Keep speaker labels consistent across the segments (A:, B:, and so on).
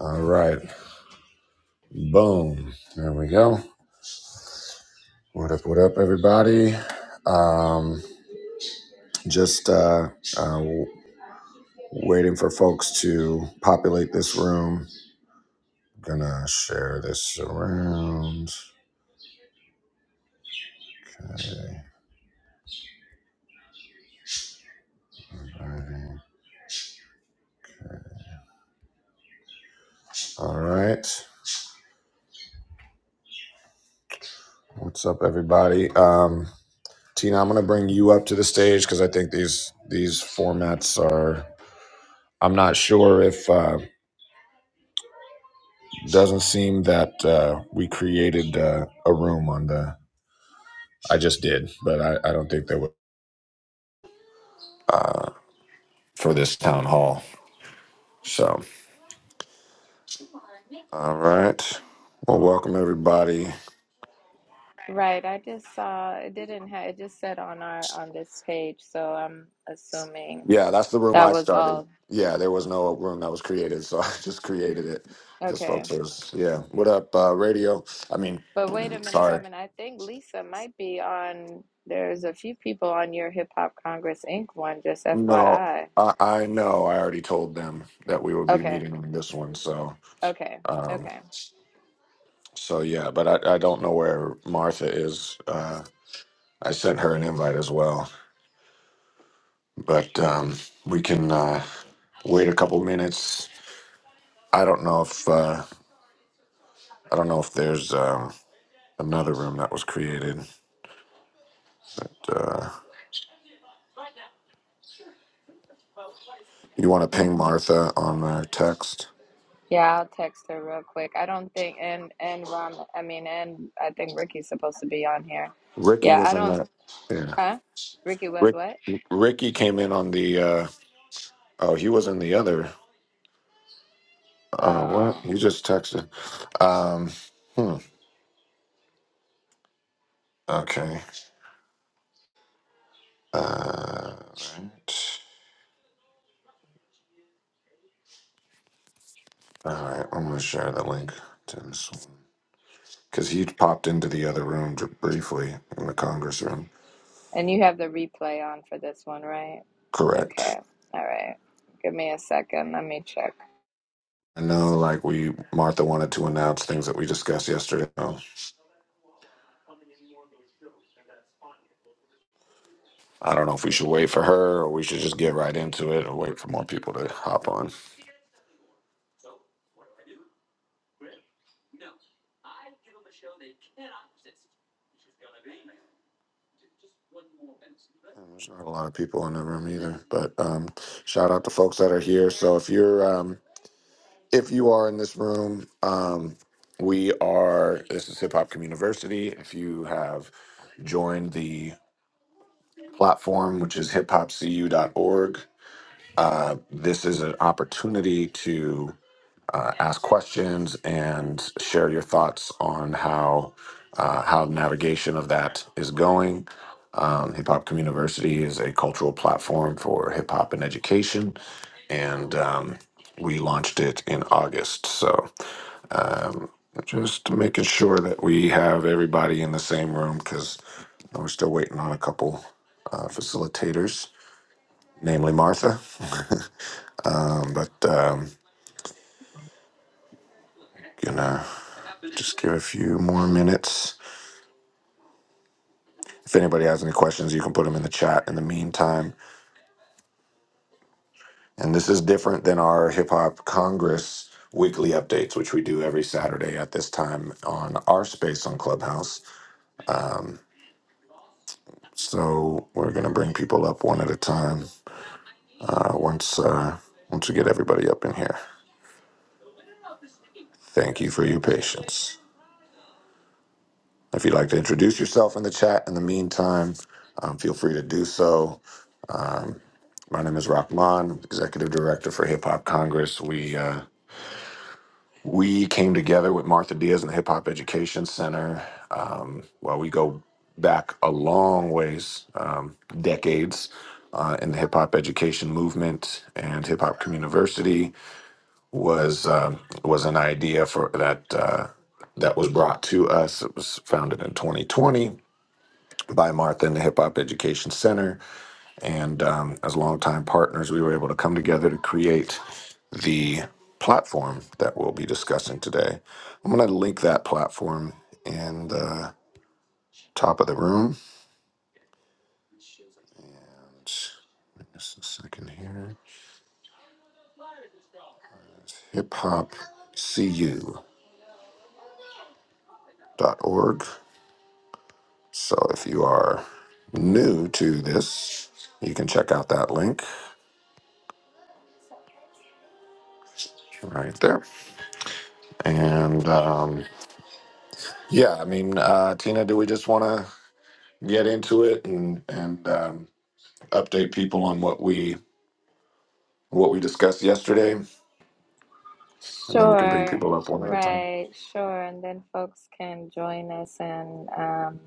A: All right. Boom. There we go. What up, what up, everybody? Um, just uh, uh, w- waiting for folks to populate this room. Gonna share this around. Okay. Alrighty. All right. What's up, everybody? Um, Tina, I'm gonna bring you up to the stage because I think these these formats are. I'm not sure if uh, doesn't seem that uh, we created uh, a room on the I just did, but I, I don't think they would. uh, for this town hall. So, all right. Well, welcome everybody.
B: Right, I just saw it didn't have it just said on our on this page, so I'm assuming
A: Yeah, that's the room
B: that
A: I
B: was
A: started.
B: all.
A: Yeah, there was no room that was created, so I just created it because
B: Okay.
A: folks are. Yeah, what up, uh, radio? I mean,
B: But wait a minute,
A: sorry.
B: Raman. I think Lisa might be on there's a few people on your Hip Hop Congress Inc. one, just
A: No,
B: FYI.
A: I, I know. I already told them that we would be
B: Okay.
A: meeting on this one. So,
B: Okay.
A: um,
B: Okay.
A: so yeah, but I, I don't know where Martha is. Uh, I sent her an invite as well. but um, we can uh, wait a couple minutes. I don't know if uh, I don't know if there's um, another room that was created. Uh, you want to
B: Mm,
A: ping Martha on our text?
B: Yeah, I'll text her real quick. I don't think and and Raman I mean and I think Ricky's supposed to be on here.
A: Ricky
B: Yeah,
A: was
B: I
A: in
B: don't
A: that. Yeah,
B: huh? Ricky was
A: Rick.
B: what?
A: Ricky came in on the. Uh, oh, he was in the other. Oh, what?
B: Oh.
A: He just texted. Um, hmm. Okay. Uh, all right. All right. I'm gonna share the link to this. one. because you popped into the other room j- briefly in the Congress room.
B: And you have the replay on for this one, right?
A: Correct.
B: Okay. All right. Give me a second. Let me check.
A: I know, like we Martha wanted to announce things that we discussed yesterday. So I don't know if we should wait for her or we should just get right into it or wait for more people to hop on. There's not a lot of people in the room either, but um, shout out to folks that are here. So if you're um, if you are in this room, um, we are. This is Hip Hop Community. If you have joined the platform, which is Hip Hop CU dot org. Uh, this is an opportunity to uh, ask questions and share your thoughts on how uh, how navigation of that is going. Um, hip Hop Community is a cultural platform for hip hop and education, and um, we launched it in August. So um, just making sure that we have everybody in the same room because we're still waiting on a couple uh, facilitators namely Martha. um, but um, gonna just give a few more minutes. If anybody has any questions, you can put them in the chat in the meantime. And this is different than our Hip Hop Congress weekly updates, which we do every Saturday at this time on our space on Clubhouse. So we're gonna bring people up one at a time uh, once uh, once we get everybody up in here. Thank you for your patience. If you'd like to introduce yourself in the chat in the meantime, um, feel free to do so. My name is Rahman, Executive Director for Hip Hop Congress. We uh, we came together with Martha Diaz and the Hip Hop Education Center. Um, well, we go back a long ways, um, decades. Uh, in the hip hop education movement and hip hop community was um was an idea for that uh, that was brought to us. It was founded in 2020 by Martha and the Hip Hop Education Center. And um, as longtime partners, we were able to come together to create the platform that we'll be discussing today. I'm going to link that platform in the top of the room. And just a second here hiphopcu.org. So if you are new to this, you can check out that link right there. And um, Yeah, I mean, uh, Tina, do we just want to get into it and and um, update people on what we what we discussed yesterday, and then we can bring
B: Sure.
A: people up one at a time.
B: Right. Sure. And then folks can join us and um,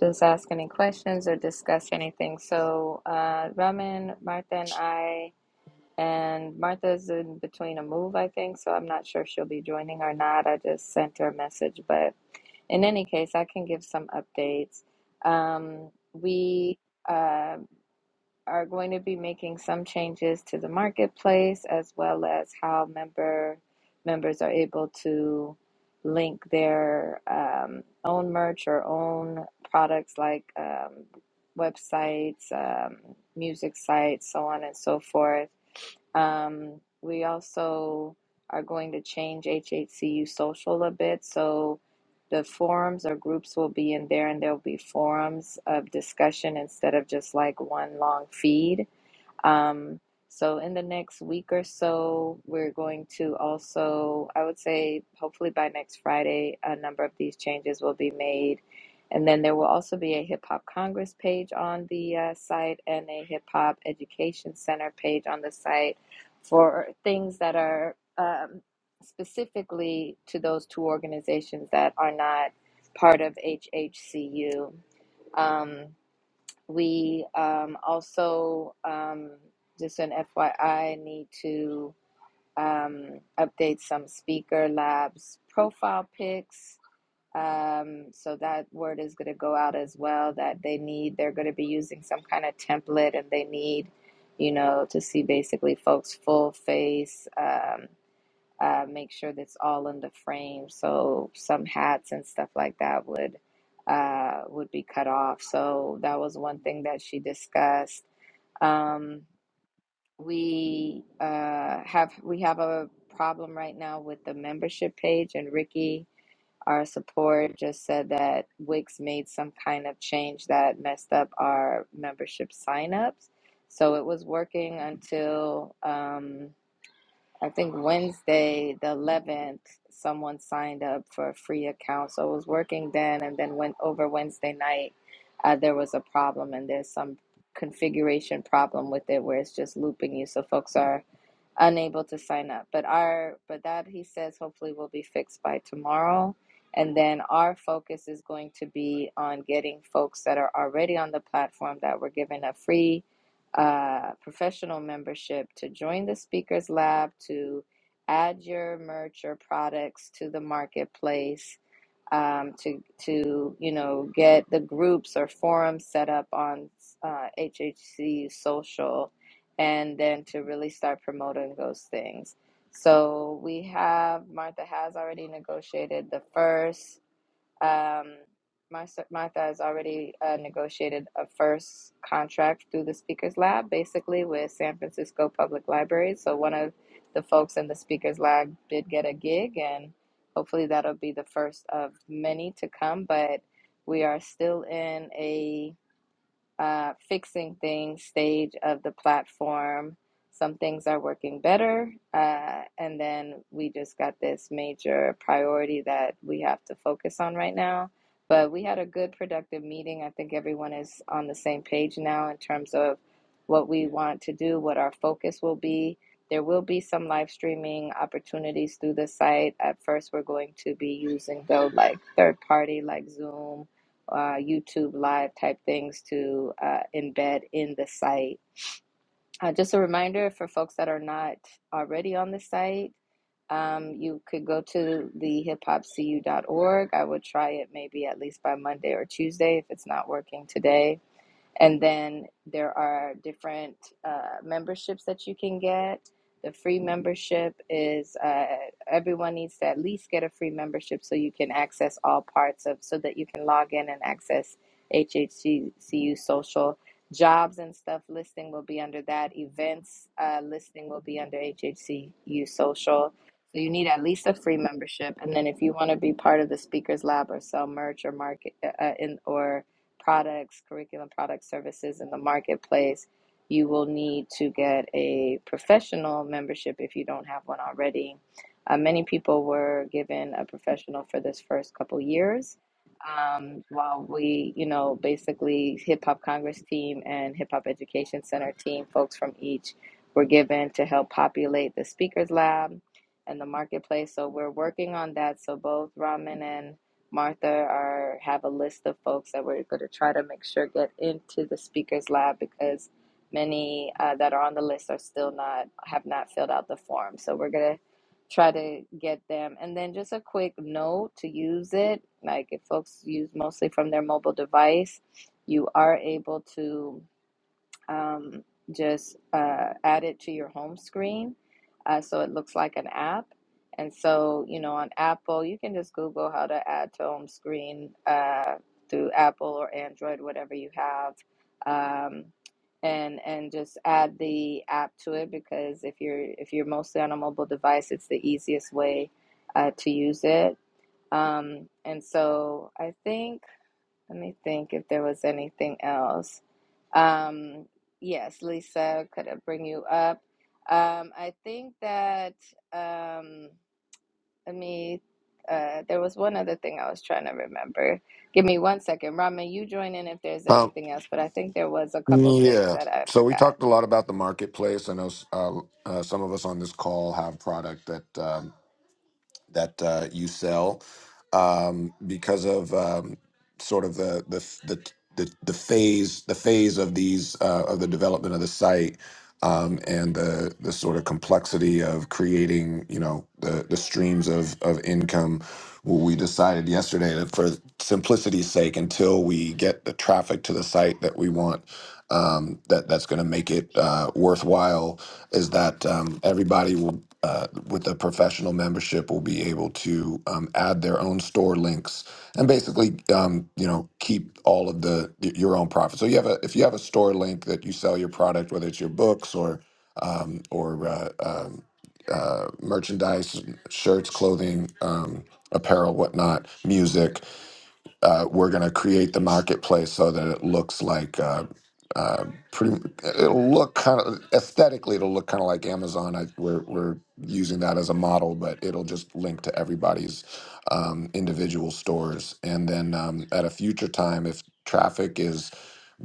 B: just ask any questions or discuss anything. So, uh, Raman, Martha, and I, and Martha's in between a move, I think. So, I'm not sure if she'll be joining or not. I just sent her a message. But in any case, I can give some updates. Um, we. Uh, are going to be making some changes to the marketplace as well as how member members are able to link their um, own merch or own products like um, websites, um, music sites, so on and so forth um, we also are going to change HHCU social a bit. So the forums or groups will be in there, and there'll be forums of discussion instead of just like one long feed. Um, so in the next week or so, we're going to also, I would say, hopefully by next Friday, a number of these changes will be made. And then there will also be a Hip Hop Congress page on the uh, site and a Hip Hop Education Center page on the site for things that are um, specifically to those two organizations that are not part of HHCU. Um, we um, also, um, just an FYI, need to um, update some Speaker Labs profile pics. Um, so that word is going to go out as well that they need, they're going to be using some kind of template and they need, you know, to see basically folks' full face. Um, uh, make sure that's all in the frame. So some hats and stuff like that would uh, would be cut off. So that was one thing that she discussed. Um, we uh, have we have a problem right now with the membership page, and Ricky, our support, just said that Wix made some kind of change that messed up our membership signups. So it was working until. Um, I think Wednesday, the 11th, someone signed up for a free account. So I was working then, and then went over Wednesday night. Uh, there was a problem, and there's some configuration problem with it where it's just looping you. So folks are unable to sign up. But our but that he says hopefully will be fixed by tomorrow. And then our focus is going to be on getting folks that are already on the platform that were given a free uh, professional membership to join the Speakers Lab to add your merch or products to the marketplace um, to to you know get the groups or forums set up on uh, HHC social, and then to really start promoting those things. So we have Martha has already negotiated the first. Um, my s- Martha has already uh, negotiated a first contract through the Speakers Lab, basically with San Francisco Public Library. So one of the folks in the Speakers Lab did get a gig, and hopefully that'll be the first of many to come. But we are still in a uh, fixing things stage of the platform. Some things are working better. Uh, and then we just got this major priority that we have to focus on right now. But we had a good, productive meeting. I think everyone is on the same page now in terms of what we want to do, what our focus will be. There will be some live streaming opportunities through the site. At first, we're going to be using, though, like third party, like Zoom uh, YouTube live type things to uh, embed in the site. Uh, just a reminder for folks that are not already on the site, um, you could go to the hiphopcu.org. I would try it maybe at least by Monday or Tuesday if it's not working today. And then there are different uh, memberships that you can get. The free membership is uh, everyone needs to at least get a free membership so you can access all parts of, so that you can log in and access HHCU social. Jobs and stuff listing will be under that. Events uh, listing will be under HHCU social. So you need at least a free membership. And then if you want to be part of the Speakers Lab or sell merch or market uh, uh, in or products, curriculum product services in the marketplace, you will need to get a professional membership if you don't have one already. Uh, many people were given a professional for this first couple years. Um, while we, you know, basically Hip Hop Congress team and Hip Hop Education Center team, folks from each were given to help populate the speakers lab and the marketplace. So we're working on that. So both Ramen and Martha are have a list of folks that we're going to try to make sure get into the speakers lab because many uh, that are on the list are still not have not filled out the form. So we're gonna try to get them. And then just a quick note to use it, like if folks use mostly from their mobile device, you are able to um, just uh, add it to your home screen uh, so it looks like an app. And so, you know, on Apple, you can just Google how to add to home screen uh, through Apple or Android, whatever you have, um, and and just add the app to it because if you're if you're mostly on a mobile device, it's the easiest way uh, to use it. Um, and so, I think let me think if there was anything else. Um, yes, Lisa, could I bring you up? Um, I think that, um, let me, uh, there was one other thing I was trying to remember. Give me one second. Rama, you join in if there's
A: Uh,
B: anything else, but I think there was a couple things
A: yeah.
B: that I
A: So we
B: forgot.
A: talked a lot about the marketplace. I know uh, uh, some of us on this call have product that. um, that uh, you sell um, because of um, sort of the the the the, the phase the phase of these uh, of the development of the site um, and the the sort of complexity of creating you know the the streams of of income Well, we decided yesterday that for simplicity's sake until we get the traffic to the site that we want um, that that's going to make it uh, worthwhile is that um, everybody will uh, with a professional membership will be able to um, add their own store links and basically um, you know keep all of the y- your own profit. So you have a if you have a store link that you sell your product, whether it's your books or um, or uh, um, uh, merchandise, shirts, clothing, um, apparel, whatnot, music uh, we're going to create the marketplace so that it looks like uh, uh, pretty. It'll look kind of aesthetically. It'll look kind of like Amazon. I, we're we're using that as a model, but it'll just link to everybody's um, individual stores. And then um, at a future time, if traffic is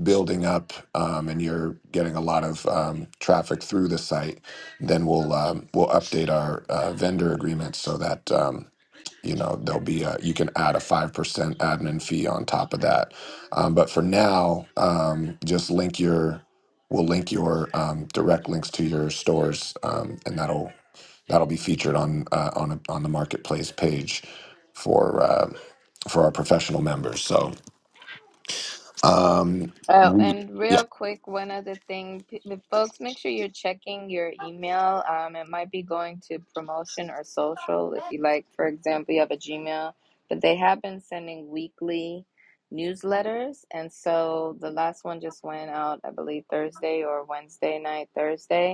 A: building up um, and you're getting a lot of um, traffic through the site, then we'll um, we'll update our uh, vendor agreements so that. Um, you know there'll be a you can add a 5% admin fee on top of that um, but for now um, just link your we'll link your um, direct links to your stores um, and that'll that'll be featured on uh, on a, on the marketplace page for uh, for our professional members so um,
B: Oh,
A: we
B: and
A: yeah
B: real quick, one other thing, p- the folks, make sure you're checking your email. Um, it might be going to promotion or social. If you like, for example, you have a Gmail, but they have been sending weekly newsletters, and so the last one just went out, I believe, Thursday or Wednesday night, Thursday.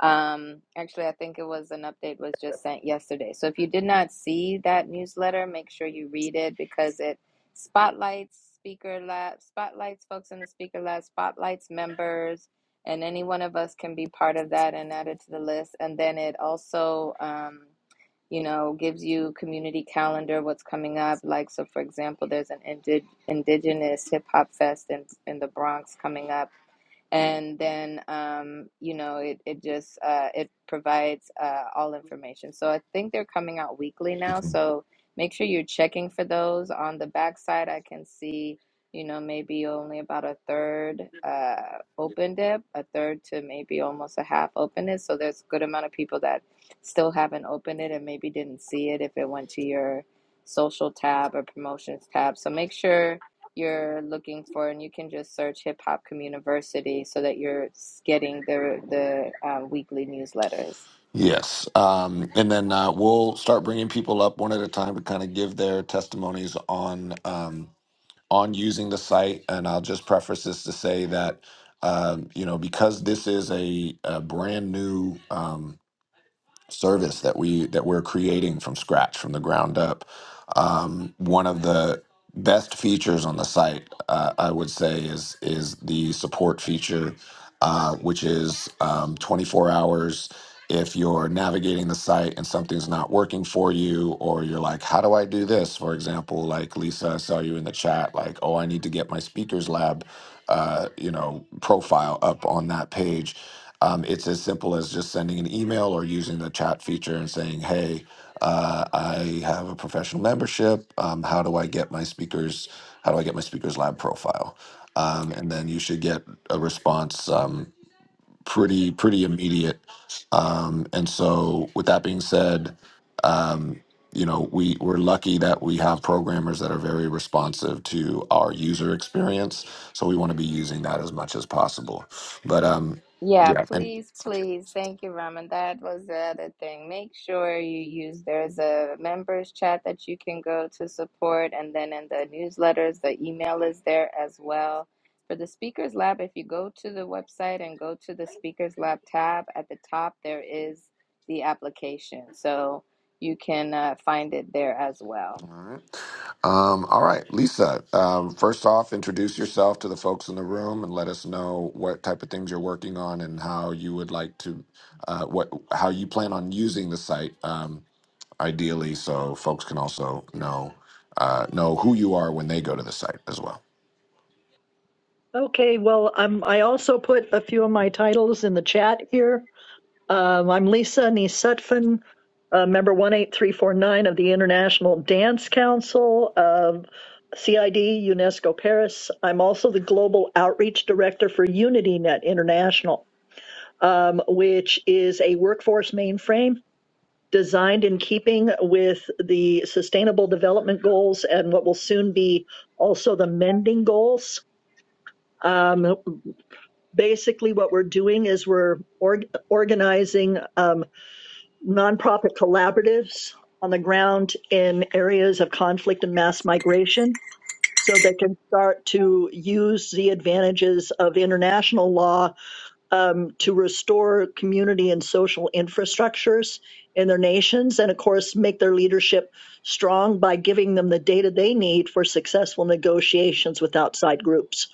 B: Um, actually, I think it was an update was just sent yesterday. So if you did not see that newsletter, make sure you read it because it spotlights speaker lab, spotlights folks in the speaker lab, spotlights members, and any one of us can be part of that and added to the list. And then it also, um, you know, gives you community calendar, what's coming up. Like, so for example, there's an indig indigenous hip hop fest in, in the Bronx coming up. And then, um, you know, it, it just, uh, it provides uh, all information. So I think they're coming out weekly now.
A: mhm.
B: So make sure you're checking for those. On the backside, I can see, you know, maybe only about a third uh, opened it, a third to maybe almost a half opened it. So there's a good amount of people that still haven't opened it and maybe didn't see it if it went to your social tab or promotions tab. So make sure you're looking for, and you can just search Hip Hop Community so that you're getting the the um, weekly newsletters.
A: yes um, and then uh, we'll start bringing people up one at a time to kind of give their testimonies on um, on using the site. And I'll just preface this to say that, um, you know, because this is a, a brand new. Um, service that we that we're creating from scratch from the ground up um, one of the best features on the site uh, i would say is is the support feature uh, which is um, 24 hours if you're navigating the site and something's not working for you or you're like how do i do this for example like lisa i saw you in the chat like oh i need to get my speakers lab uh, you know profile up on that page. Um, it's as simple as just sending an email or using the chat feature and saying, "Hey, uh, I have a professional membership. Um, how do I get my speakers? How do I get my speakers lab profile?" Um, and then you should get a response. Um, pretty pretty immediate. Um, and so, with that being said, um, you know we we're lucky that we have programmers that are very responsive to our user experience. So we want to be using that as much as possible. But um,
B: Yeah,
A: yeah, and
B: please, please. Thank you, Raman. That was the other thing. Make sure you use there's a members chat that you can go to support, and then in the newsletters, the email is there as well. For the Speakers Lab, if you go to the website and go to the Speakers Lab tab at the top, there is the application. So you can uh, find it there as well.
A: all right, um, all right, Lisa. Um, first off, introduce yourself to the folks in the room and let us know what type of things you're working on and how you would like to uh, what how you plan on using the site. Um, ideally, so folks can also know uh, know who you are when they go to the site as well.
C: Okay, well, um, I also put a few of my titles in the chat here. Um, I'm Lisa Nisetfin, uh, member 18349 of the International Dance Council of CID UNESCO Paris. I'm also the Global Outreach Director for UnityNet International, um, which is a workforce mainframe designed in keeping with the Sustainable Development Goals and what will soon be also the Mending Goals. Um, basically what we're doing is we're org- organizing um, nonprofit collaboratives on the ground in areas of conflict and mass migration so they can start to use the advantages of international law um, to restore community and social infrastructures in their nations and of course make their leadership strong by giving them the data they need for successful negotiations with outside groups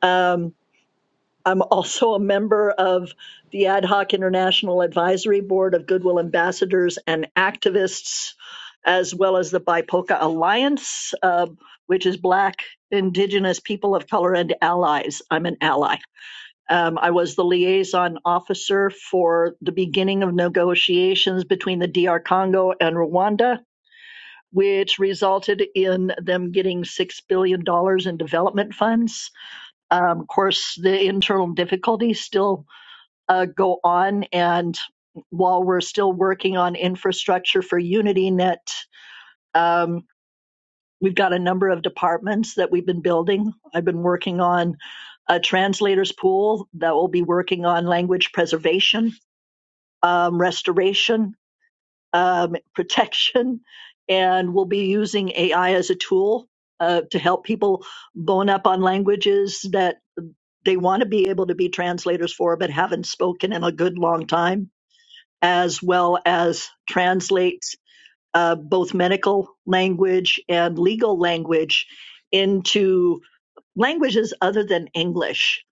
C: Um, I'm also a member of the Ad hoc International Advisory Board of Goodwill Ambassadors and Activists, as well as the BIPOCA Alliance, uh, which is Black, Indigenous, People of Color, and Allies. I'm an ally. Um, I was the liaison officer for the beginning of negotiations between the DR Congo and Rwanda, which resulted in them getting $6 billion dollars in development funds. Um, of course, the internal difficulties still uh, go on. And while we're still working on infrastructure for UnityNet, um, we've got a number of departments that we've been building. I've been working on a translators pool that will be working on language preservation, um, restoration, um, protection, and we'll be using AI as a tool uh, to help people bone up on languages that they want to be able to be translators for but haven't spoken in a good long time as well as translates uh, both medical language and legal language into languages other than English.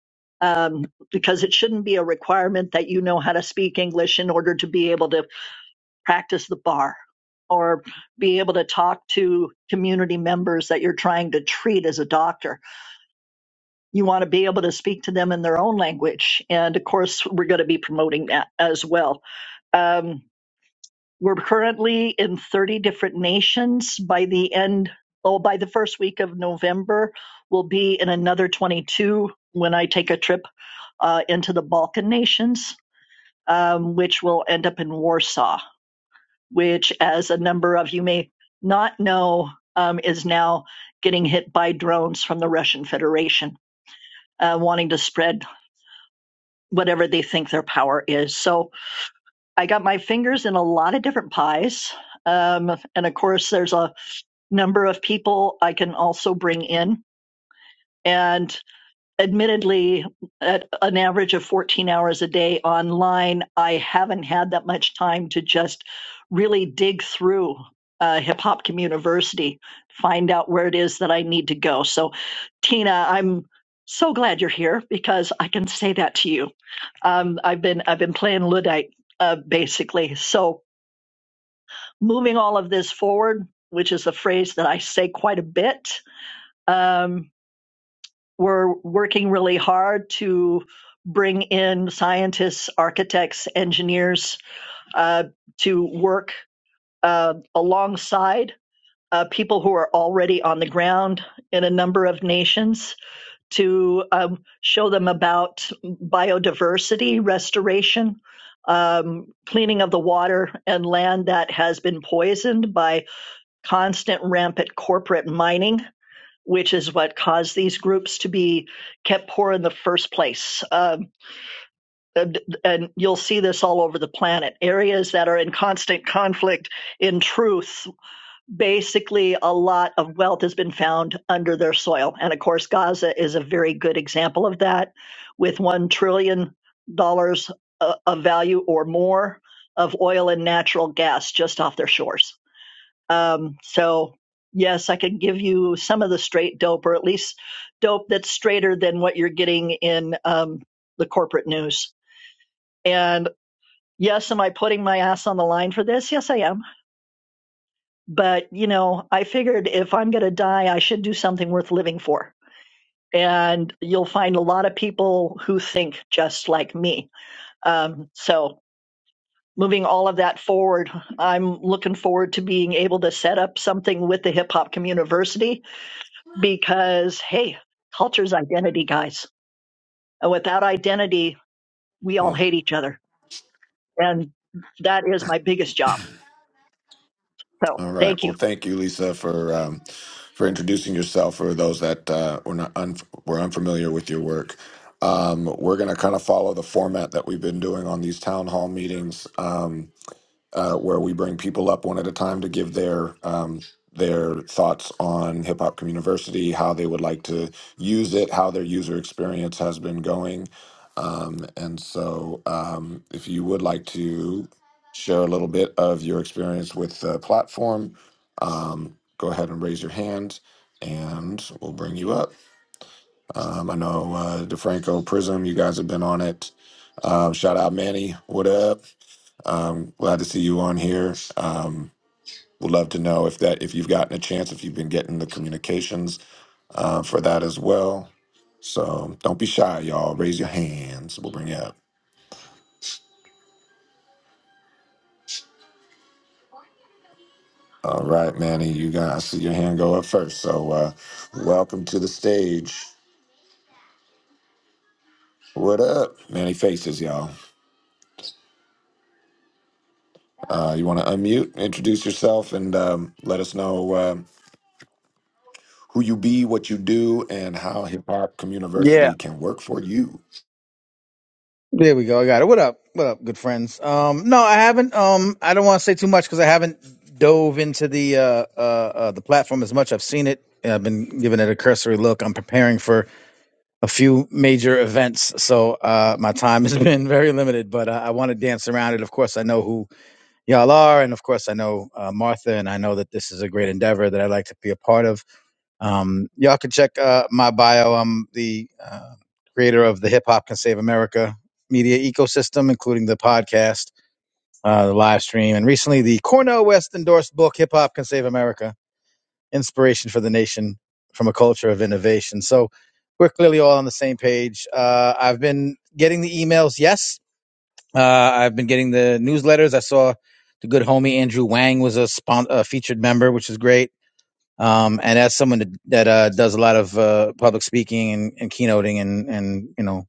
C: Um, because it shouldn't be a requirement that you know how to speak English in order to be able to practice the bar or be able to talk to community members that you're trying to treat as a doctor. You want to be able to speak to them in their own language. And of course, we're going to be promoting that as well. Um, we're currently in 30 different nations. By the end, oh, by the first week of November, we'll be in another 22 when I take a trip uh, into the Balkan nations, um, which will end up in Warsaw, which, as a number of you may not know, um, is now getting hit by drones from the Russian Federation, uh, wanting to spread whatever they think their power is. So I got my fingers in a lot of different pies. Um, and of course, there's a number of people I can also bring in. And admittedly, at an average of 14 hours a day online, I haven't had that much time to just really dig through uh, Hip Hop Community, find out where it is that I need to go. So, Tina, I'm so glad you're here because I can say that to you. Um, I've been I've been playing luddite uh, basically. So moving all of this forward, which is a phrase that I say quite a bit um, we're working really hard to bring in scientists, architects, engineers uh, to work uh, alongside uh, people who are already on the ground in a number of nations to um, show them about biodiversity restoration. Um, cleaning of the water and land that has been poisoned by constant rampant corporate mining which is what caused these groups to be kept poor in the first place. Um, and, and you'll see this all over the planet. Areas that are in constant conflict, in truth, basically a lot of wealth has been found under their soil. And of course, Gaza is a very good example of that, with $1 trillion dollars uh, of value or more of oil and natural gas just off their shores. Um, so yes, I can give you some of the straight dope, or at least dope that's straighter than what you're getting in um, the corporate news. And yes, am I putting my ass on the line for this? Yes, I am. But you know, I figured if I'm going to die, I should do something worth living for. And you'll find a lot of people who think just like me. Um, so moving all of that forward, I'm looking forward to being able to set up something with the Hip Hop Community because hey, culture's identity, guys. And without identity, we all
A: Hmm.
C: hate each other. And that is my biggest job. So
A: All right.
C: thank
A: Well,
C: you.
A: thank you, Lisa, for um, for introducing yourself. For those that uh, were not un- were unfamiliar with your work, um, we're going to kind of follow the format that we've been doing on these town hall meetings. Um, uh, where we bring people up one at a time to give their um, their thoughts on Hip Hop Community, how they would like to use it, how their user experience has been going, um, and so um, if you would like to share a little bit of your experience with the platform, um, go ahead and raise your hand. And we'll bring you up. Um, I know uh, DeFranco Prism, you guys have been on it. Um, shout out Manny, what up? Um, glad to see you on here. Um, would love to know if that if you've gotten a chance, if you've been getting the communications uh, for that as well. So don't be shy, y'all. Raise your hands. We'll bring you up. All right, Manny, you guys see your hand go up first. So uh, welcome to the stage. What up, Manny Faces, y'all? Uh, you want to unmute, introduce yourself, and um, let us know um who you be, what you do, and how Hip Hop
D: Yeah,
A: Community can work for you.
D: there we go. I got it. What up? What up, good friends? Um, no, I haven't. Um, I don't want to say too much because I haven't dove into the uh, uh, uh, the platform as much. I've seen it. and I've been giving it a cursory look. I'm preparing for a few major events, so uh, my time has been very limited. But uh, I want to dance around it. Of course, I know who y'all are, and of course, I know uh, Martha, and I know that this is a great endeavor that I'd like to be a part of. Um, y'all can check uh, my bio. I'm the uh, creator of the Hip Hop Can Save America media ecosystem, including the podcast, uh, the live stream, and recently the Cornell West endorsed book, Hip Hop Can Save America Inspiration for the Nation from a Culture of Innovation. So we're clearly all on the same page. Uh, I've been getting the emails, yes. Uh, I've been getting the newsletters. I saw the good homie Andrew Wang was a, spon- a featured member, which is great um, and as someone that, that uh, does a lot of uh, public speaking and, and keynoting and, and you know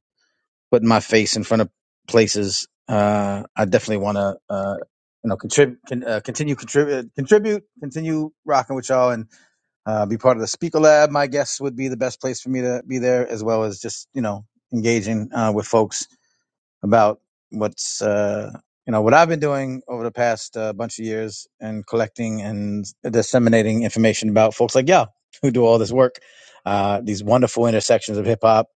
D: putting my face in front of places, uh, I definitely want to uh, you know contribute, con- uh, continue contribute, contribute, continue rocking with y'all, and uh, be part of the Speaker Lab. My guess would be the best place for me to be there, as well as just you know engaging uh, with folks about what's uh, you know what I've been doing over the past uh, bunch of years and collecting and disseminating information about folks like y'all who do all this work, uh, these wonderful intersections of hip hop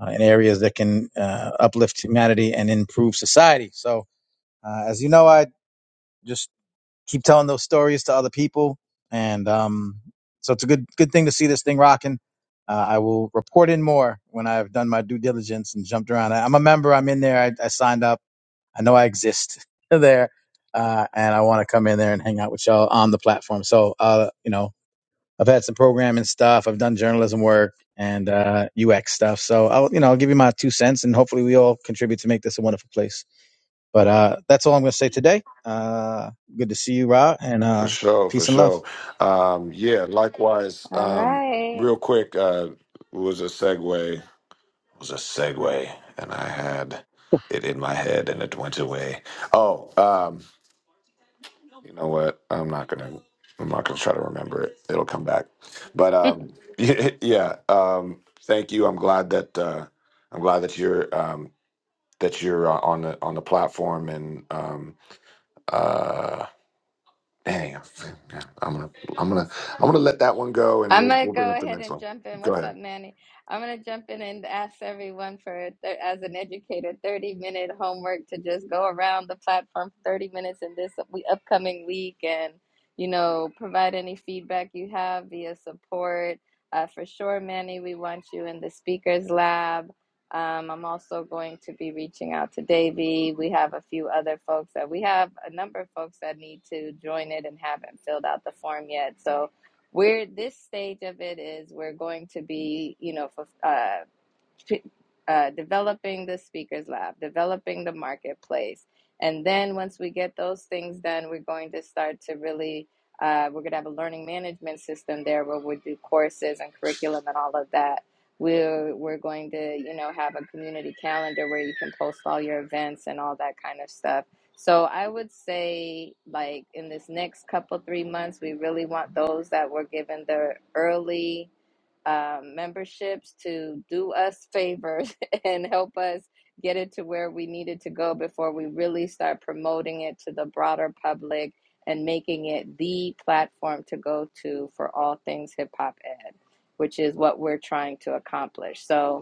D: uh, in areas that can uh, uplift humanity and improve society. So uh, as you know, I just keep telling those stories to other people, and um, so it's a good good thing to see this thing rocking. Uh, I will report in more when I've done my due diligence and jumped around. I, I'm a member. I'm in there. I, I signed up. I know I exist there, uh, and I want to come in there and hang out with y'all on the platform. So, uh, you know, I've had some programming stuff. I've done journalism work and uh, UX stuff. So, I'll you know, I'll give you my two cents, and hopefully, we all contribute to make this a wonderful place. But uh, that's all I'm going to say today. Uh, good to see you, Ra, and
A: For
D: uh,
A: sure, for
D: peace and love.
A: sure. Um, yeah, likewise.
B: All
A: Um,
B: right.
A: real quick, uh, was a segue. Was a segue, and I had it in my head, and it went away. Oh, um, you know what? I'm not gonna. I'm not gonna try to remember it. It'll come back. But um, yeah. Um, thank you. I'm glad that uh, I'm glad that you're um, that you're uh, on the on the platform and um, uh, Dang, I'm I'm gonna I'm gonna I'm gonna let that one go, and
B: I'm
A: we'll
B: gonna
A: we'll bring
B: go
A: up the
B: ahead
A: next
B: and
A: one.
B: jump in.
A: Go
B: What's
A: ahead.
B: up, Manny? I'm gonna jump in and ask everyone for, a thir- as an educator, 30 minute homework to just go around the platform for 30 minutes in this we- upcoming week, and you know, provide any feedback you have via support. Uh, for sure, Manny, we want you in the speakers lab. Um, I'm also going to be reaching out to Davey. We have a few other folks that we have a number of folks that need to join it and haven't filled out the form yet. So where this stage of it is we're going to be you know fulf- uh uh, developing the speakers lab, developing the marketplace. And then once we get those things done, we're going to start to really, uh, we're going to have a learning management system there where we do courses and curriculum and all of that. We're, we're going to, you know, have a community calendar where you can post all your events and all that kind of stuff. So I would say, like in this next couple, three months, we really want those that were given the early um, memberships to do us favors and help us get it to where we needed to go before we really start promoting it to the broader public and making it the platform to go to for all things hip hop ed, which is what we're trying to accomplish. So,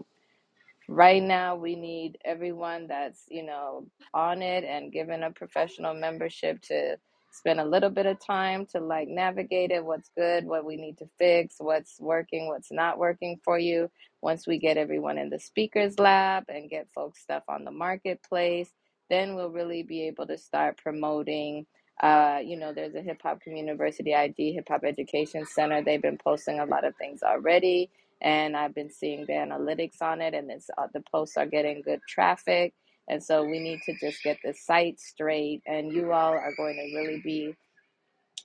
B: Right now, we need everyone that's, you know, on it and given a professional membership to spend a little bit of time to like navigate it, what's good, what we need to fix, what's working, what's not working for you. Once we get everyone in the speakers lab and get folks stuff on the marketplace, then we'll really be able to start promoting. Uh, you know, there's a Hip Hop Community University ID Hip Hop Education Center. They've been posting a lot of things already and I've been seeing the analytics on it, and it's uh, the posts are getting good traffic, and so we need to just get the site straight, and you all are going to really be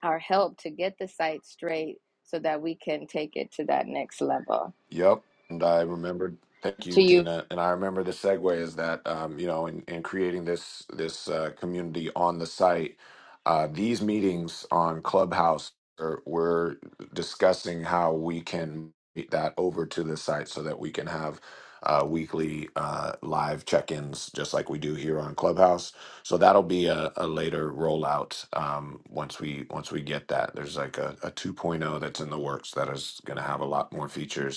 B: our help to get the site straight so that we can take it to that next level.
A: Yep. And I remembered, thank
B: To
A: you,
B: you,
A: Tina. And I remember the segue is that, um, you know, in, in creating this this uh, community on the site, uh, these meetings on Clubhouse, are, we're discussing how we can get that over to the site so that we can have uh, weekly uh, live check-ins, just like we do here on Clubhouse. So that'll be a, a later rollout um, once we once we get that. There's like a, a 2.0 that's in the works that is going to have a lot more features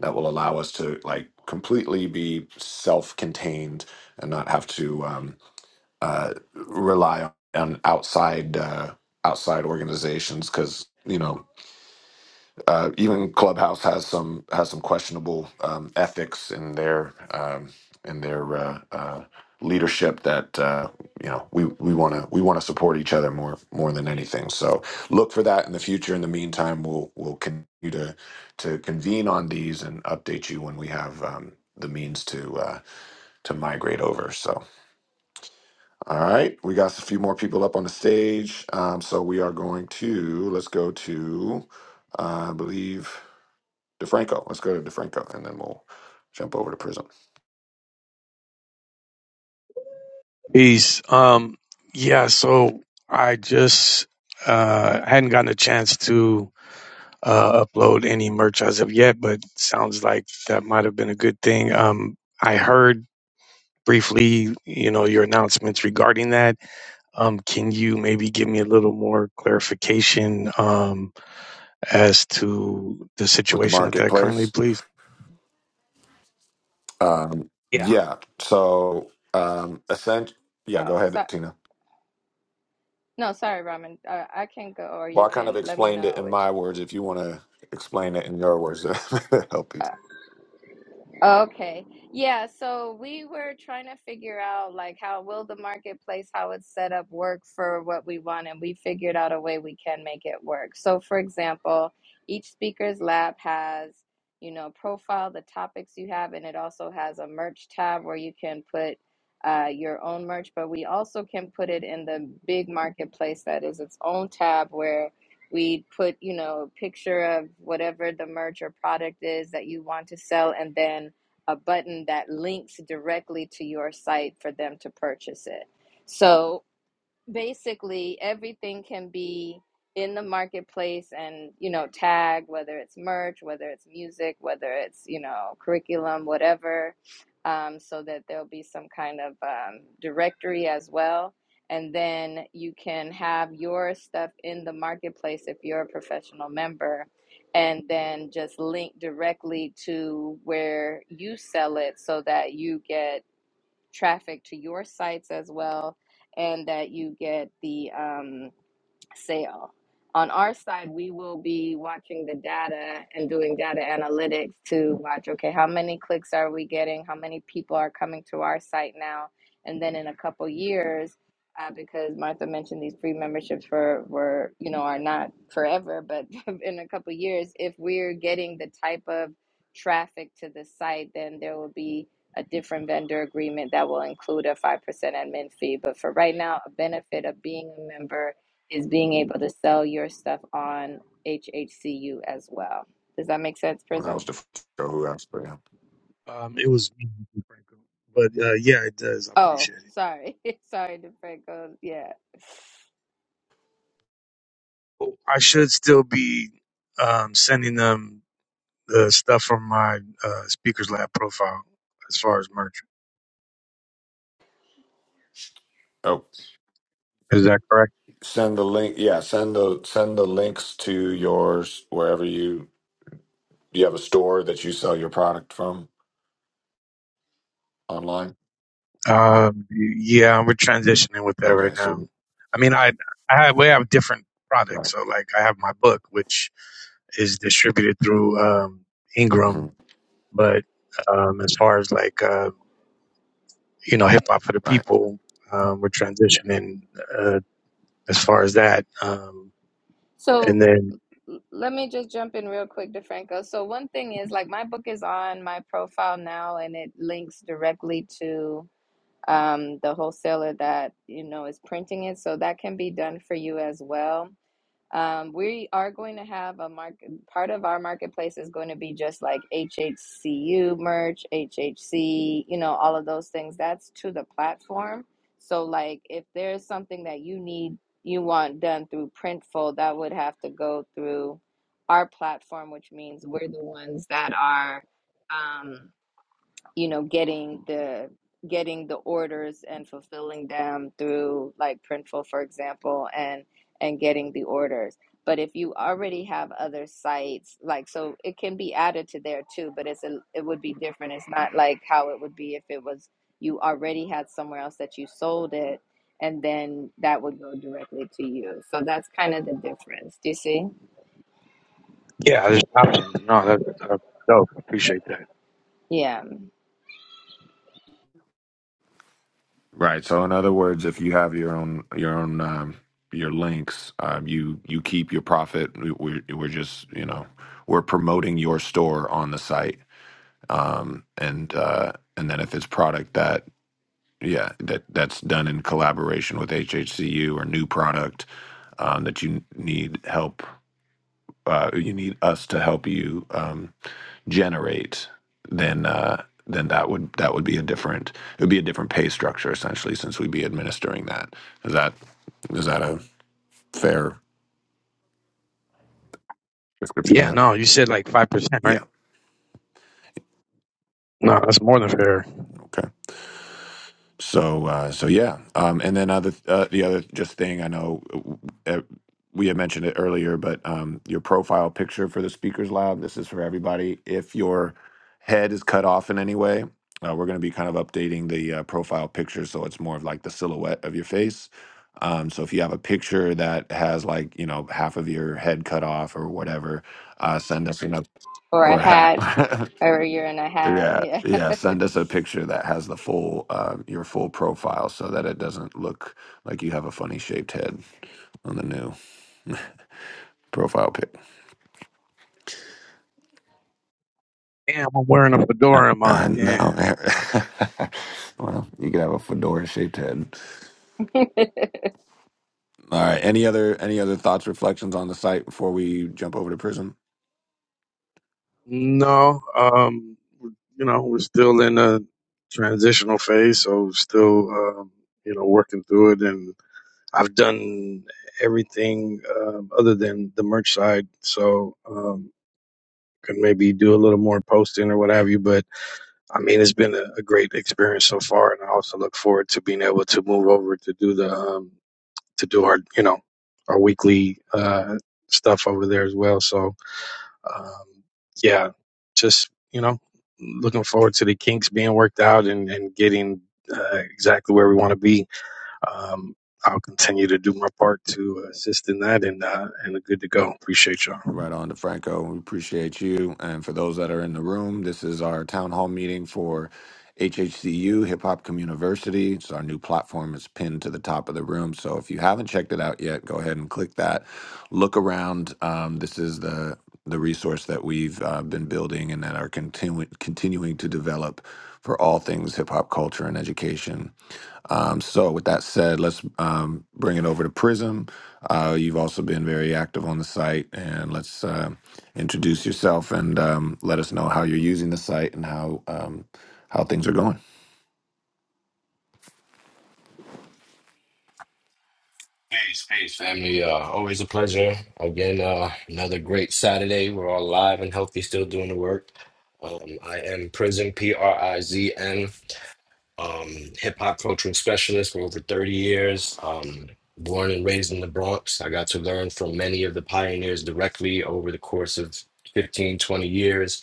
A: that will allow us to like completely be self-contained and not have to um, uh, rely on outside uh, outside organizations because you know uh, even Clubhouse has some has some questionable um, ethics in their um, in their uh, uh, leadership that uh, you know we we want to we want to support each other more more than anything. So look for that in the future. In the meantime, we'll we'll continue to to convene on these and update you when we have. Um, the means to uh, to migrate over. So, all right, we got a few more people up on the stage. Um, so we are going to let's go to uh, I believe DeFranco. Let's go to DeFranco and then we'll jump over to Prism
E: Peace. Um, yeah, so I just uh, hadn't gotten a chance to uh, upload any merch as of yet, but sounds like that might have been a good thing. Um, I heard briefly, you know, your announcements regarding that. Um, can you maybe give me a little more clarification um, as to the
A: with the
E: situation with that currently,
A: marketplace.
E: please?
A: Um,
E: Yeah,
A: yeah. So, um, Ascent, yeah, go
B: oh,
A: ahead,
B: so,
A: Tina.
B: no, sorry, Ramen, uh, I can go, or
A: Well,
B: you
A: I kind of
B: can let me
A: explained
B: know
A: it in
B: which.
A: my words. If you want to explain it in your words, that help you.
B: uh, Okay. Yeah, so we were trying to figure out like how will the marketplace, how it's set up work for what we want, and we figured out a way we can make it work. So for example, each speaker's lab has, you know, profile the topics you have, and it also has a merch tab where you can put uh, your own merch, but we also can put it in the big marketplace that is its own tab where we put, you know, a picture of whatever the merch or product is that you want to sell, and then a button that links directly to your site for them to purchase it. So basically everything can be in the marketplace and you know tag whether it's merch whether it's music whether it's you know curriculum whatever um, so that there'll be some kind of um, directory as well and then you can have your stuff in the marketplace if you're a professional member and then just link directly to where you sell it so that you get traffic to your sites as well, and that you get the um, sale. On our side, we will be watching the data and doing data analytics to watch, okay, how many clicks are we getting? How many people are coming to our site now? And then in a couple years, uh, because Martha mentioned these free memberships for were you know are not forever, but in a couple years, if we're getting the type of traffic to the site, then there will be a different vendor agreement that will include a five percent admin fee. But for right now, a benefit of being a member is being able to sell your stuff on HHCU as well. Does that make sense,
A: When I was
B: Prism?
A: DeFranco who asked for you.
E: um, it was, but uh, yeah, it does. I
B: Oh,
E: appreciate it.
B: sorry. sorry, DeFranco. Yeah.
E: I should still be um, sending them the stuff from my uh, speakers lab profile as far as merch.
A: Oh,
E: Is that correct?
A: send the link. Yeah, send the send the links to yours wherever you you have a store that you sell your product from online.
E: Um, yeah, we're transitioning with that right
A: Okay,
E: now.
A: so
E: I mean, I I have, we have different
A: right,
E: products. So like, I have my book, which is distributed through um, Ingram,
A: Mhm.
E: but um, as far as like uh, you know, hip hop for the
A: Right.
E: people, um, we're transitioning uh, as far as that. Um, and
B: So
E: then
B: l- let me just jump in real quick, DeFranco. So, one thing is like my book is on my profile now and it links directly to um, the wholesaler that, you know, is printing it. So that can be done for you as well Um, we are going to have a market. Part of our marketplace is going to be just like HHCU merch, HHC, you know, all of those things. That's to the platform. So, like, if there's something that you need, you want done through Printful, that would have to go through our platform, which means we're the ones that are. Um, you know getting the getting the orders and fulfilling them through like printful for example and and getting the orders but if you already have other sites like so it can be added to there too but it's a, it would be different it's not like how it would be if it was you already had somewhere else that you sold it and then that would go directly to you so that's kind of the difference do you see
E: Yeah, there's an option. No, that, that's dope. Appreciate that.
B: yeah
A: Right. So in other words, if you have your own your own um, your links, um, you you keep your profit. We- We're we're just you know we're promoting your store on the site, um, and uh, and then if it's product that yeah that that's done in collaboration with HHCU or new product um, that you need help uh, you need us to help you. Um, generate, then uh, then that would that would be a different it would be a different pay structure essentially since we'd be administering that. Is that is that a fair description of
E: Yeah,
A: that?
E: no, you said like five percent, right?
A: Yeah.
E: No, that's more than fair.
A: okay. So, uh, so yeah. Um, and then other, uh, the other just thing I know uh, we had mentioned it earlier, but um, your profile picture for the speakers lab. This is for everybody. If your head is cut off in any way, uh, we're going to be kind of updating the uh, profile picture so it's more of like the silhouette of your face. Um, so if you have a picture that has like you know half of your head cut off or whatever, uh, send us an up
B: or a
A: or a
B: hat
A: hat.
B: or you're in a hat
A: Yeah,
B: yeah
A: yeah. Send us a picture that has the full, uh, your full profile, so that it doesn't look like you have a funny shaped head on the new profile pic.
E: Damn, I'm wearing a fedora in
A: Uh,
E: mine. Damn.
A: no. well, you could have a fedora shaped head. All right. Any other any other thoughts, reflections on the site before we jump over to Prism?
E: No, um, you know, we're still in a transitional phase, so still, um, you know, working through it. And I've done everything um, other than the merch side, so um, could maybe do a little more posting or what have you. But I mean, it's been a, a great experience so far, and I also look forward to being able to move over to do the um, to do our you know our weekly uh, stuff over there as well. So um, yeah, just you know, looking forward to the kinks being worked out and and getting uh, exactly where we want to be. Um, I'll continue to do my part to assist in that, and uh, and good to go. Appreciate y'all.
A: Right on to Franco. We appreciate you. And for those that are in the room, this is our town hall meeting for HHCU, Hip Hop Community. It's our new platform. It's pinned to the top of the room. So if you haven't checked it out yet, go ahead and click that. Look around. Um, this is the the resource that we've uh, been building and that are continu- continuing to develop for all things hip hop culture and education. Um, so, with that said, let's um, bring it over to Prism. Uh, you've also been very active on the site, and let's uh, introduce yourself and um, let us know how you're using the site and how um, how things are going.
F: Peace, peace, family. Uh, always a pleasure. Again, uh, another great Saturday. We're all alive and healthy, still doing the work. Um, I am Prison, P R I Z N, um, hip hop cultural specialist for over 30 years. Um, born and raised in the Bronx, I got to learn from many of the pioneers directly over the course of 15 20 years.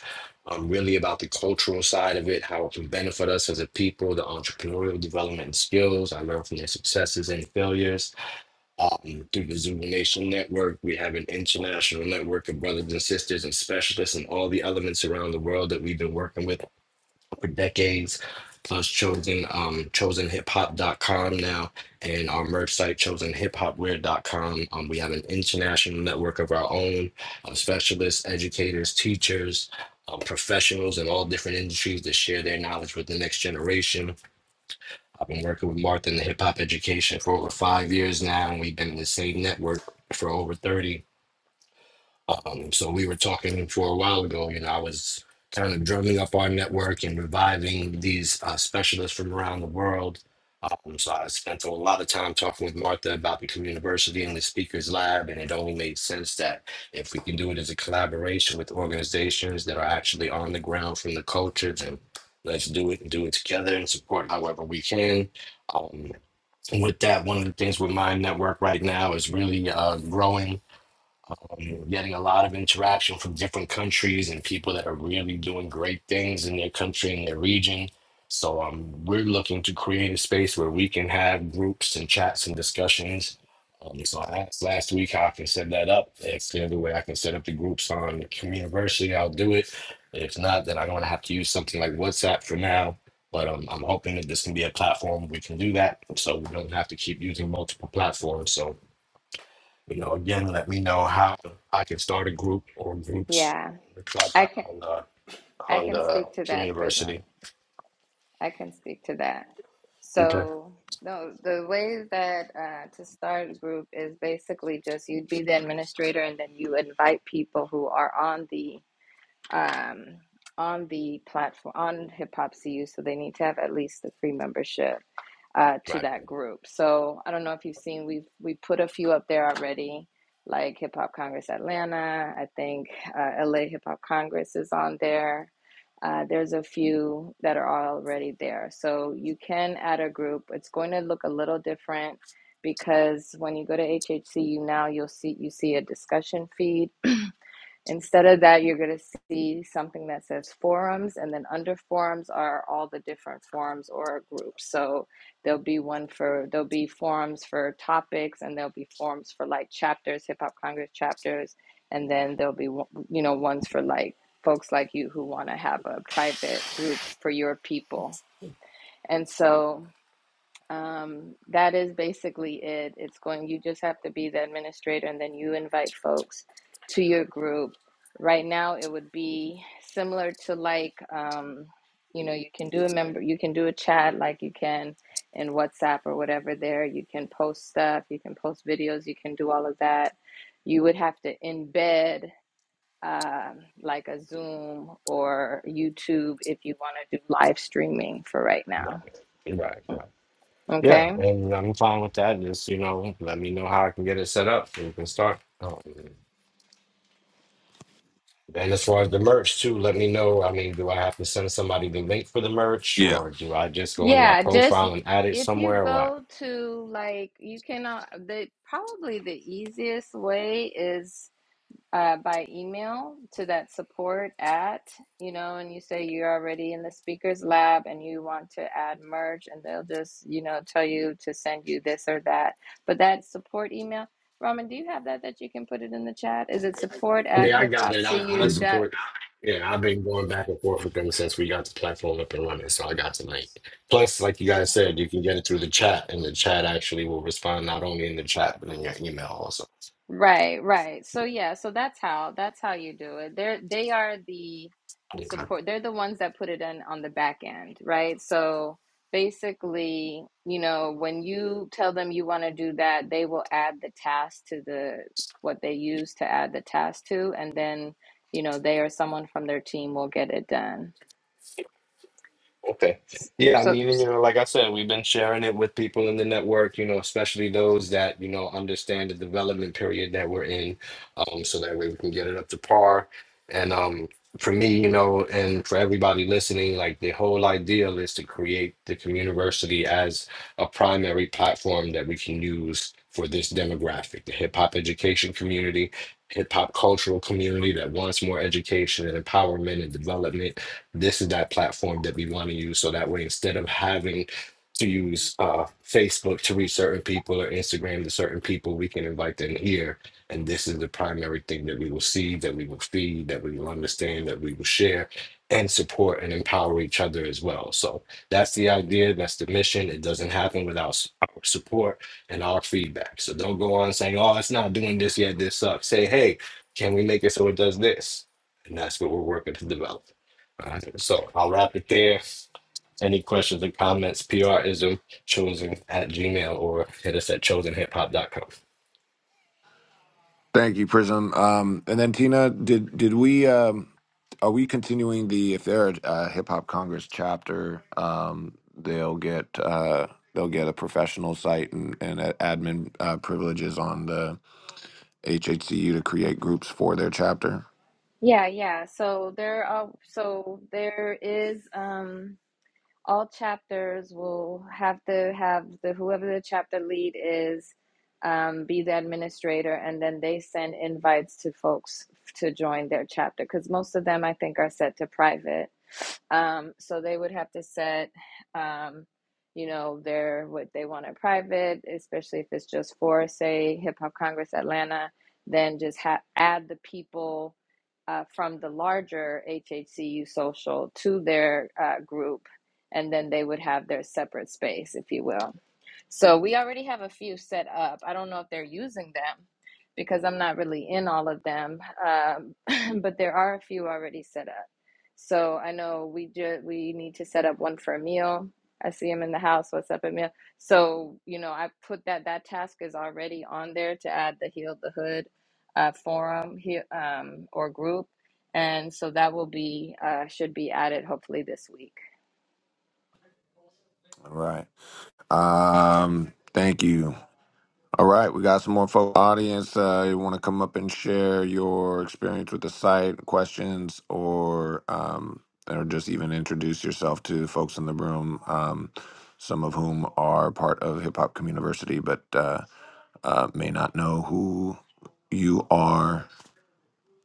F: Um, really about the cultural side of it, how it can benefit us as a people, the entrepreneurial development and skills. I learned from their successes and failures um, through the Zulu Nation Network. We have an international network of brothers and sisters and specialists and all the elements around the world that we've been working with for decades. Plus, chosen um, chosen hip hop dot com now, and our merch site chosenhiphopware.com. Um, we have an international network of our own of specialists, educators, teachers, um, professionals in all different industries that share their knowledge with the next generation I've been working with Martha in the hip hop education for over five years now, and we've been in the same network for over 30. Um, so we were talking for a while ago, you know, I was kind of drumming up our network and reviving these uh, specialists from around the world. Um, so I spent a lot of time talking with Martha about the university and the speakers lab, and it only made sense that if we can do it as a collaboration with organizations that are actually on the ground from the culture, then let's do it and do it together and support however we can. Um, with that, one of the things with my network right now is really uh, growing um, getting a lot of interaction from different countries and people that are really doing great things in their country and their region. So um, we're looking to create a space where we can have groups and chats and discussions. Um, so I asked last week how I can set that up. If there's a way I can set up the groups on Communiversity, I'll do it. If not, then I'm going to have to use something like WhatsApp for now. But um, I'm hoping that this can be a platform we can do that. So we don't have to keep using multiple platforms. So you know, again, let me know how I can start a group or groups
B: yeah
F: on the club
B: i can
F: on the
B: I
F: on
B: can
F: the
B: speak to that prism.
F: university.
B: I can speak to that.
F: Okay.
B: So, no, the way that uh, to start a group is basically just you'd be the administrator, and then you invite people who are on the um, on the platform on Hip Hop CU, so they need to have at least a free membership uh, to
F: Right.
B: that group. So I don't know if you've seen we've we put a few up there already, like Hip Hop Congress Atlanta. I think uh, LA Hip Hop Congress is on there. Uh, there's a few that are already there. So you can add a group. It's going to look a little different because when you go to HHCU now, you'll see you see a discussion feed Instead of that, you're going to see something that says forums, and then under forums are all the different forums or groups. So there'll be one for, there'll be forums for topics, and there'll be forums for like chapters, Hip Hop Congress chapters, and then there'll be, you know, ones for like folks like you who want to have a private group for your people. And so, um, that is basically it. It's going, you just have to be the administrator and then you invite folks to your group. Right now, it would be similar to like, um, you know, you can do a member, you can do a chat like you can in WhatsApp or whatever there. You can post stuff, you can post videos, you can do all of that. You would have to embed um, like a Zoom or YouTube if you want to do live streaming for right now.
F: Yeah. Right. Right. Yeah,
B: Okay.
F: and I'm fine with that. Just you know, let me know how I can get it set up so we can start. Um, and as far as the merch too, let me know. I mean, do I have to send somebody the link for the merch,
A: Yeah.
F: or do I just go into my
B: Yeah, just
F: profile and add it
B: if you
F: somewhere, or what?
B: go to like you can uh, the probably the easiest way is uh, by email to that support at, you know, and you say you're already in the speakers lab and you want to add merge and they'll just, you know, tell you to send you this or that. But that support email, Raman, do you have that that you can put it in the chat? Is it support
F: I
B: at
F: mean, I got it. I, I
B: hiphopcu
A: Mhm.
B: dot?
F: support. Yeah, I've been going back and forth with them since we got the platform up and running. So I got the link. Plus, like you guys said, you can get it through the chat, and the chat actually will respond not only in the chat but in your email also.
B: Right, right. So yeah, so that's how that's how you do it. They're they are the
F: Okay.
B: support. They're the ones that put it in on the back end, right? So basically, you know, when you tell them you want to do that, they will add the task to the what they use to add the task to, and then, you know, they or someone from their team will get it done.
F: Okay.
B: S-
F: Yeah, I
B: So
F: mean, you know, like I said, we've been sharing it with people in the network, you know, especially those that, you know, understand the development period that we're in, um, so that way we can get it up to par. And um, for me, you know, and for everybody listening, like the whole ideal is to create the community as a primary platform that we can use for this demographic, the hip hop education community, hip hop cultural community that wants more education and empowerment and development this is that platform that we want to use. So that way, instead of having to use uh, Facebook to reach certain people or Instagram to certain people, we can invite them here. And this is the primary thing that we will see, that we will feed, that we will understand, that we will share and support and empower each other as well. So that's the idea. That's the mission. It doesn't happen without s- our support and our feedback. So don't go on saying, oh, it's not doing this yet. This sucks. Say, hey, can we make it so it does this? And that's what we're working to develop. Uh, so I'll wrap it there. Any questions or comments, PRism chosen at Gmail or hit us at chosen hip hop dot com.
A: Thank you, Prism. Um, and then Tina, did did we um, are we continuing the if they're a hip hop Congress chapter, um, they'll get uh, they'll get a professional site and, and admin uh, privileges on the HHCU to create groups for their chapter.
B: yeah, yeah. So there are so there is um all chapters will have to have the whoever the chapter lead is um, be the administrator and then they send invites to folks to join their chapter because most of them i think are set to private um, so they would have to set, um, you know, their what they want in private, especially if it's just for, say, Hip Hop Congress Atlanta. Then just ha- add the people uh, from the larger HHCU social to their uh, group, and then they would have their separate space, if you will. So we already have a few set up. I don't know if they're using them because I'm not really in all of them, um, but there are a few already set up. So I know we just we need to set up one for Emil. I see him in the house. What's up, Emil? So you know, I put that that task is already on there to add the Heal the Hood uh, forum he, um, or group, and so that will be uh, should be added hopefully this week.
A: All right. Um, thank you. All right, we got some more folks. Audience, uh, you want to come up and share your experience with the site, questions, or um, or just even introduce yourself to folks in the room, um, some of whom are part of Hip Hop Community, but uh, uh, may not know who you are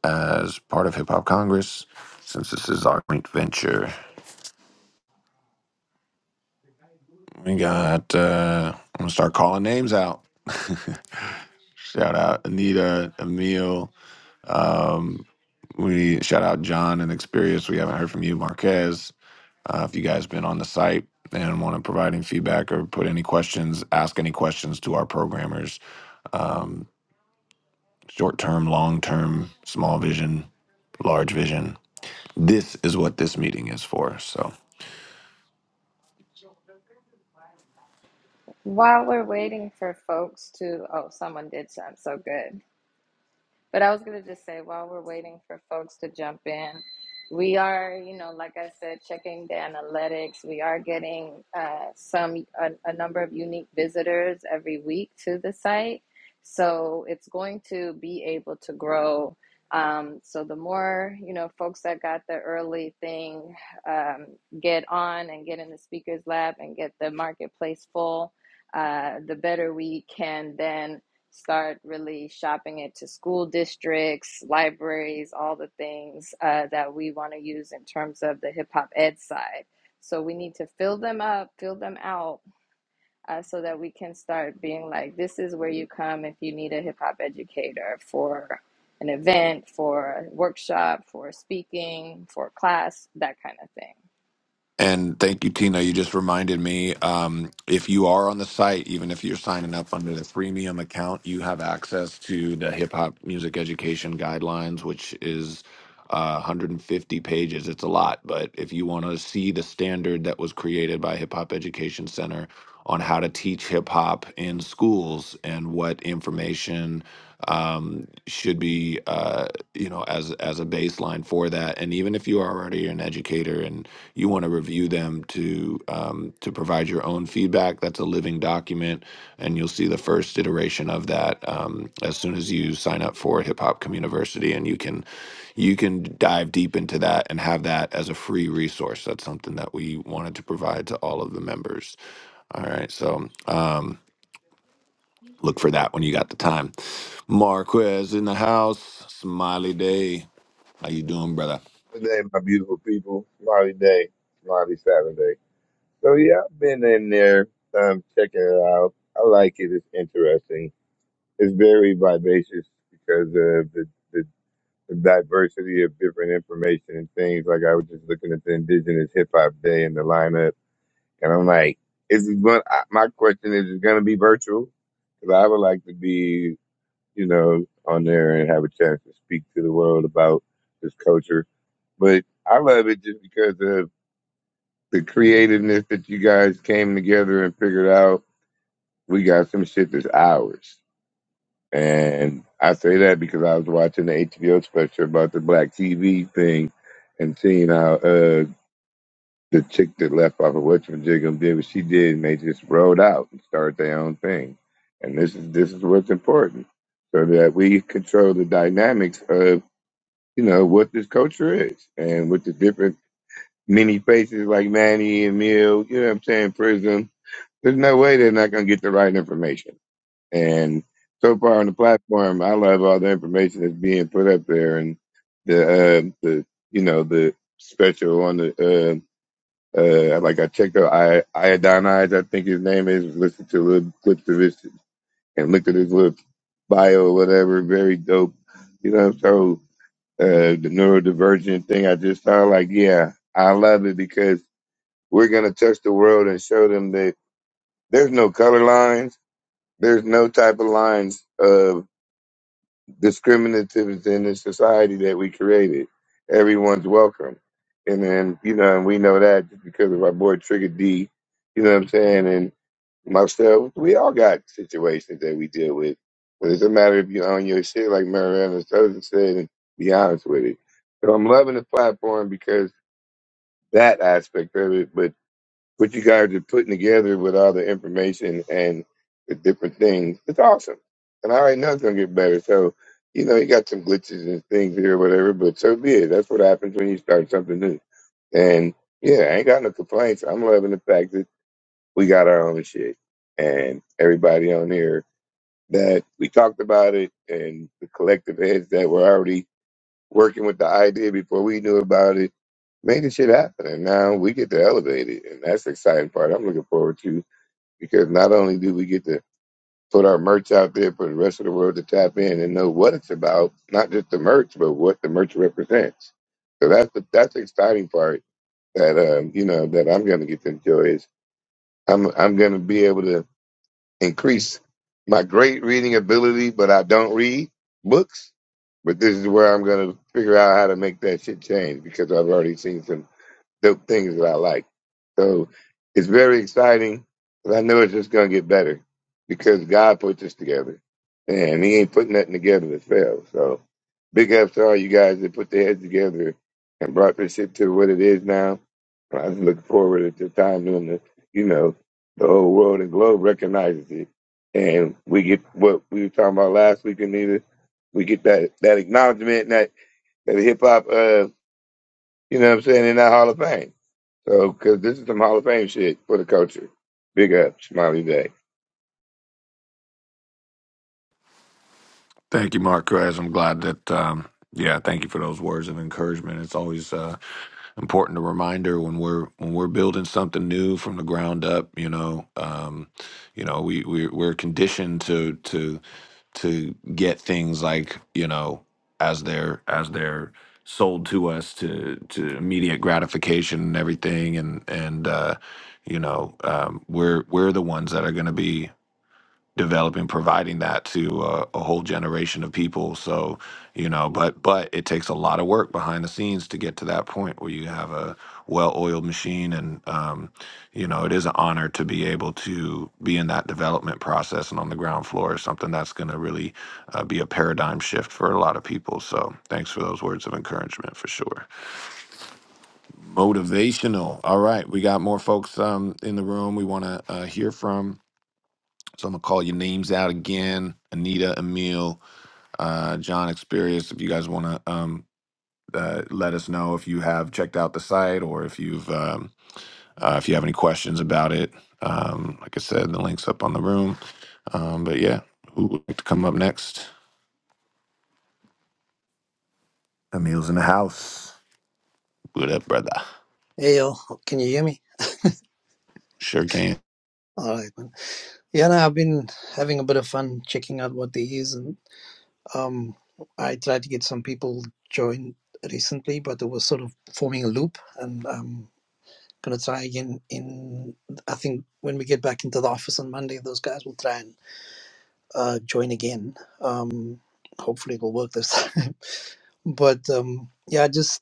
A: as part of Hip Hop Congress, since this is our joint venture. We got, uh, I'm going to start calling names out. shout out Anita, Emil. Um, we shout out John and Experience. We haven't heard from you, Marquez. Uh, if you guys been on the site and want to provide any feedback or put any questions, ask any questions to our programmers. Um, short term, long term, small vision, large vision. This is what this meeting is for. So.
B: While we're waiting for folks to, oh, someone did some so good. But I was going to just say, while we're waiting for folks to jump in, we are, you know, like I said, checking the analytics. We are getting uh, some a, a number of unique visitors every week to the site, so it's going to be able to grow. Um, so the more you know, folks that got the early thing um, get on and get in the speakers lab and get the marketplace full, uh, the better we can then start really shopping it to school districts, libraries, all the things uh, that we want to use in terms of the hip hop ed side. So we need to fill them up, fill them out, uh, so that we can start being like, this is where you come if you need a hip hop educator for an event, for a workshop, for speaking, for class, that kind of thing.
A: And thank you, Tina. You just reminded me um, if you are on the site, even if you're signing up under the freemium account, you have access to the hip hop music education guidelines, which is uh, 150 pages. It's a lot, but if you want to see the standard that was created by Hip Hop Education Center on how to teach hip hop in schools and what information um, should be, uh, you know, as as a baseline for that, and even if you are already an educator and you want to review them to um, to provide your own feedback, that's a living document, and you'll see the first iteration of that um, as soon as you sign up for Hip Hop Community and you can you can dive deep into that and have that as a free resource. That's something that we wanted to provide to all of the members. All right, so um, look for that when you got the time. Marquez in the house, smiley day. How you doing, brother?
G: Good day, my beautiful people. Smiley day, smiley Saturday. So yeah, I've been in there, um, checking it out. I like it. It's interesting. It's very vivacious because of the, the, the diversity of different information and things. Like I was just looking at the Indigenous Hip Hop Day and the lineup, and I'm like, is it going? I, My question is, is it going to be virtual? Because I would like to be you know, on there and have a chance to speak to the world about this culture. But I love it just because of the creativeness that you guys came together and figured out. We got some shit that's ours. And I say that because I was watching the HBO special about the black TV thing and seeing how uh, the chick that left off of Whatchamajigam did what she did and they just rolled out and started their own thing. And this is this is what's important so that we control the dynamics of you know, what this culture is and with the different many faces like Manny and Mill, you know what I'm saying, Prism, there's no way they're not going to get the right information. And so far on the platform, I love all the information that's being put up there and the, uh, the you know, the special on the, uh, uh, like I checked out I, Iodine Eyes, I think his name is, listened to little clips of his and looked at his little bio or whatever, very dope. You know, so uh, the neurodivergent thing I just found, like, yeah, I love it because we're going to touch the world and show them that there's no color lines. There's no type of lines of discriminative in the society that we created. Everyone's welcome. And then, you know, and we know that just because of our boy Trigger D, you know what I'm saying? And most of we all got situations that we deal with, but it's a matter of you own your shit, like Mariana Sousa said, and be honest with it. So I'm loving the platform because that aspect of it, but what you guys are putting together with all the information and the different things, it's awesome. And I already know it's gonna get better. So, you know, you got some glitches and things here, whatever, but so be it. That's what happens when you start something new. And yeah, I ain't got no complaints. I'm loving the fact that we got our own shit. And everybody on here that we talked about it and the collective heads that were already working with the idea before we knew about it, making shit happen. And now we get to elevate it. And that's the exciting part I'm looking forward to because not only do we get to put our merch out there for the rest of the world to tap in and know what it's about, not just the merch, but what the merch represents. So that's the that's the exciting part that um, you know, that I'm gonna get to enjoy is I'm I'm gonna be able to increase my great reading ability, but I don't read books. But this is where I'm going to figure out how to make that shit change because I've already seen some. Dope things that I like. So it's very exciting, but I know it's just going to get better because God put this together, and He ain't putting nothing together to fail. So big ups to all you guys that put their heads together and brought this shit to what it is now. And I just looking forward to the time when the you know the whole world and globe recognizes it, and we get what we were talking about last week, Anita. We get that that acknowledgement and that that hip hop, uh, you know, what I'm saying, in that Hall of Fame. So, because this is some Hall of Fame shit for the culture. Big up, Smiley Day.
A: Thank you, Marquez. I'm glad that. Um, yeah, thank you for those words of encouragement. It's always uh, important a reminder when we're when we're building something new from the ground up. You know, um, you know, we we we're conditioned to to to get things like you know as they're as they're sold to us to to immediate gratification and everything and and uh you know um we're we're the ones that are going to be developing providing that to a, a whole generation of people so you know but but it takes a lot of work behind the scenes to get to that point where you have a well-oiled machine and um, you know it is an honor to be able to be in that development process and on the ground floor is something that's going to really uh, be a paradigm shift for a lot of people so thanks for those words of encouragement for sure motivational all right we got more folks um, in the room we want to uh, hear from so I'm gonna call your names out again: Anita, Emil, uh, John, Experience. If you guys wanna um, uh, let us know if you have checked out the site or if you've um, uh, if you have any questions about it. Um, like I said, the link's up on the room. Um, but yeah, who would like to come up next? Emil's in the house. What up, brother?
H: Hey, yo, can you hear me?
A: Sure can.
H: All right, man. Yeah, no, I've been having a bit of fun checking out what there is, and um, I tried to get some people join recently, but it was sort of forming a loop, and I'm gonna try again in. I think when we get back into the office on Monday, those guys will try and uh, join again. Um, hopefully, it'll work this time. But um, yeah, just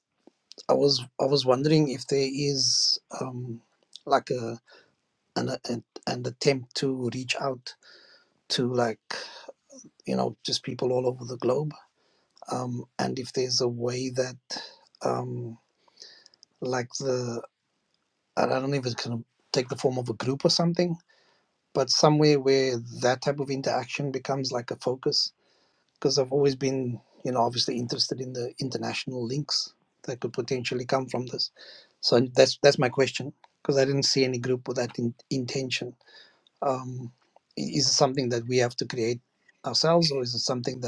H: I was I was wondering if there is um like a an, an, an attempt to reach out to like you know just people all over the globe um and if there's a way that um like the i don't know if it's going to take the form of a group or something but somewhere where that type of interaction becomes like a focus because i've always been you know obviously interested in the international links that could potentially come from this so that's that's my question because i didn't see any group with that in, intention um i- is it something that we have to create ourselves or is it something that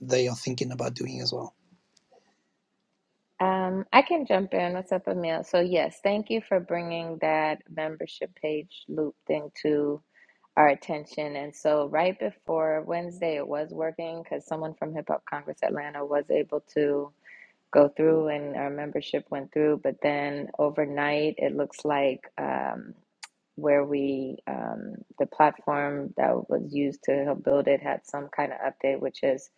H: they are thinking about doing as well.
B: Um, I can jump in. What's up, Emil? So yes, thank you for bringing that membership page looped into our attention. And so, right before Wednesday, it was working because someone from Hip Hop Congress Atlanta was able to go through and our membership went through but then overnight it looks like um, where we um, the platform that was used to help build it had some kind of update which is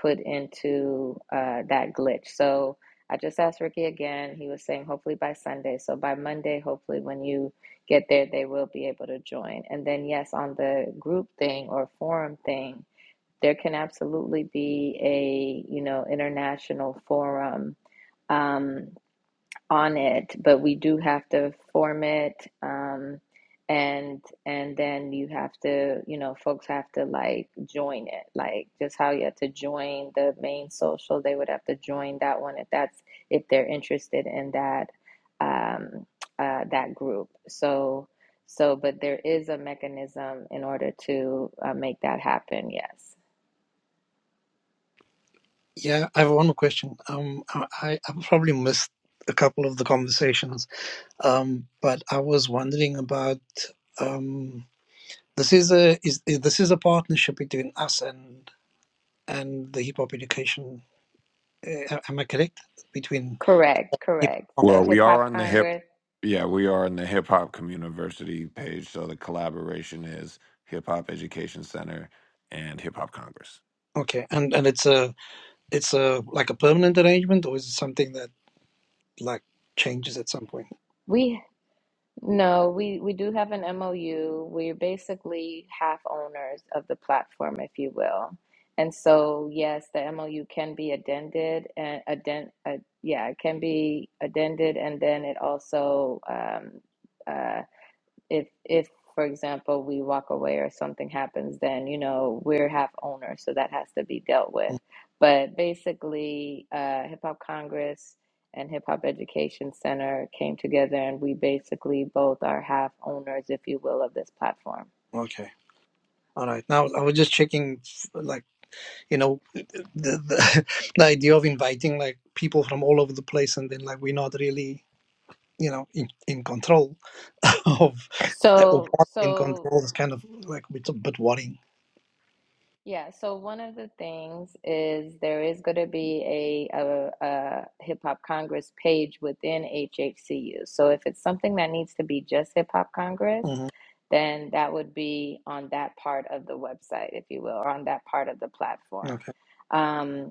B: put into uh, that glitch so i just asked ricky again he was saying hopefully by sunday so by monday hopefully when you get there they will be able to join and then yes on the group thing or forum thing there can absolutely be a you know international forum um, on it, but we do have to form it, um, and and then you have to, you know, folks have to like join it, like just how you have to join the main social. They would have to join that one if that's if they're interested in that um, uh, that group. So so, but there is a mechanism in order to uh, make that happen. Yes,
H: Yeah, I have one more question. Um, I, I probably missed a couple of the conversations, um, but I was wondering about um, this is a is, is this is a partnership between us and and the hip hop education. Uh, am I correct? Between
B: correct,
H: hip
B: correct.
H: hop,
B: So,
A: Well, we
B: Hip
A: are
B: Hop
A: on the hip.
B: Congress.
A: Yeah, we are on the Hip Hop Community page. So the collaboration is Hip Hop Education Center and Hip Hop Congress.
H: okay, and and it's a it's a like a permanent arrangement, or is it something that like changes at some point?
B: We No, we we do have an MOU. We're basically half owners of the platform, if you will. And so, yes, the MOU can be addended and addend uh, yeah, it can be addended, and then it also um, uh, if if for example we walk away or something happens then you know we're half owner so that has to be dealt with
H: Mm,
B: but basically uh, hip hop congress and hip hop education center came together and we basically both are half owners if you will of this platform
H: Okay. All right. Now I was just checking, f- like you know, the the, the idea of inviting like people from all over the place, and then like we're not really, you know, in, in control of or
B: so
H: part in
B: so
H: control is kind of like it's a bit worrying.
B: yeah so one of the things is there is going to be a, a, a hip hop congress page within hhcu so if it's something that needs to be just hip hop congress
H: hmm
B: then that would be on that part of the website, if you will, or on that part of the platform.
H: Okay.
B: Um,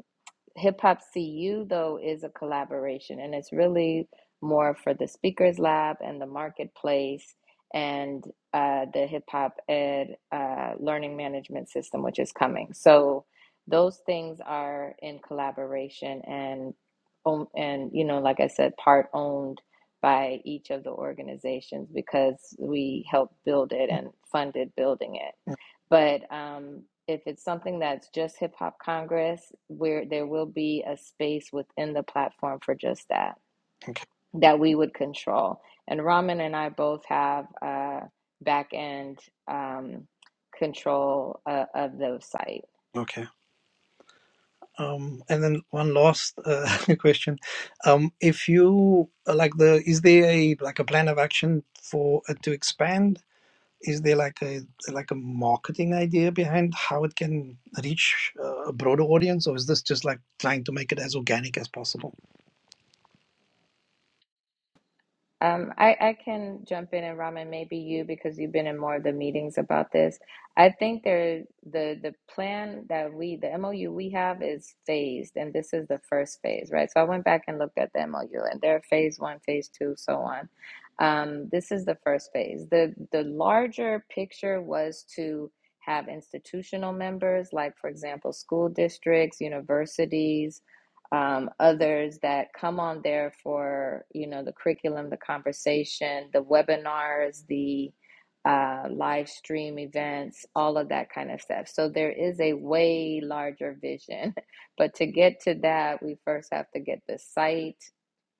B: Hip Hop CU, though, is a collaboration and it's really more for the Speakers Lab and the marketplace and uh, the Hip Hop Ed uh, learning management system, which is coming. So those things are in collaboration and own- and you know, like I said, part owned by each of the organizations because we helped build it and funded building it.
H: Mm,
B: But um, if it's something that's just Hip Hop Congress, where there will be a space within the platform for just that,
H: Okay.
B: that we would control. And Ramen and I both have uh, back end um, control uh, of the site.
H: Okay. Um, and then one last uh, question. Um, if you like the, is there a like a plan of action for uh, to expand? Is there like a like a marketing idea behind how it can reach uh, a broader audience, or is this just like trying to make it as organic as possible?
B: Um, I, I can jump in and Raman, maybe you because you've been in more of the meetings about this. I think there the the plan that we the MOU we have is phased, and this is the first phase, right? So I went back and looked at the MOU, and there are phase one, phase two, so on. Um, this is the first phase. the The larger picture was to have institutional members, like for example, school districts, universities um, others that come on there for you know the curriculum, the conversation, the webinars, the uh, live stream events, all of that kind of stuff. So there is a way larger vision, but to get to that, we first have to get the site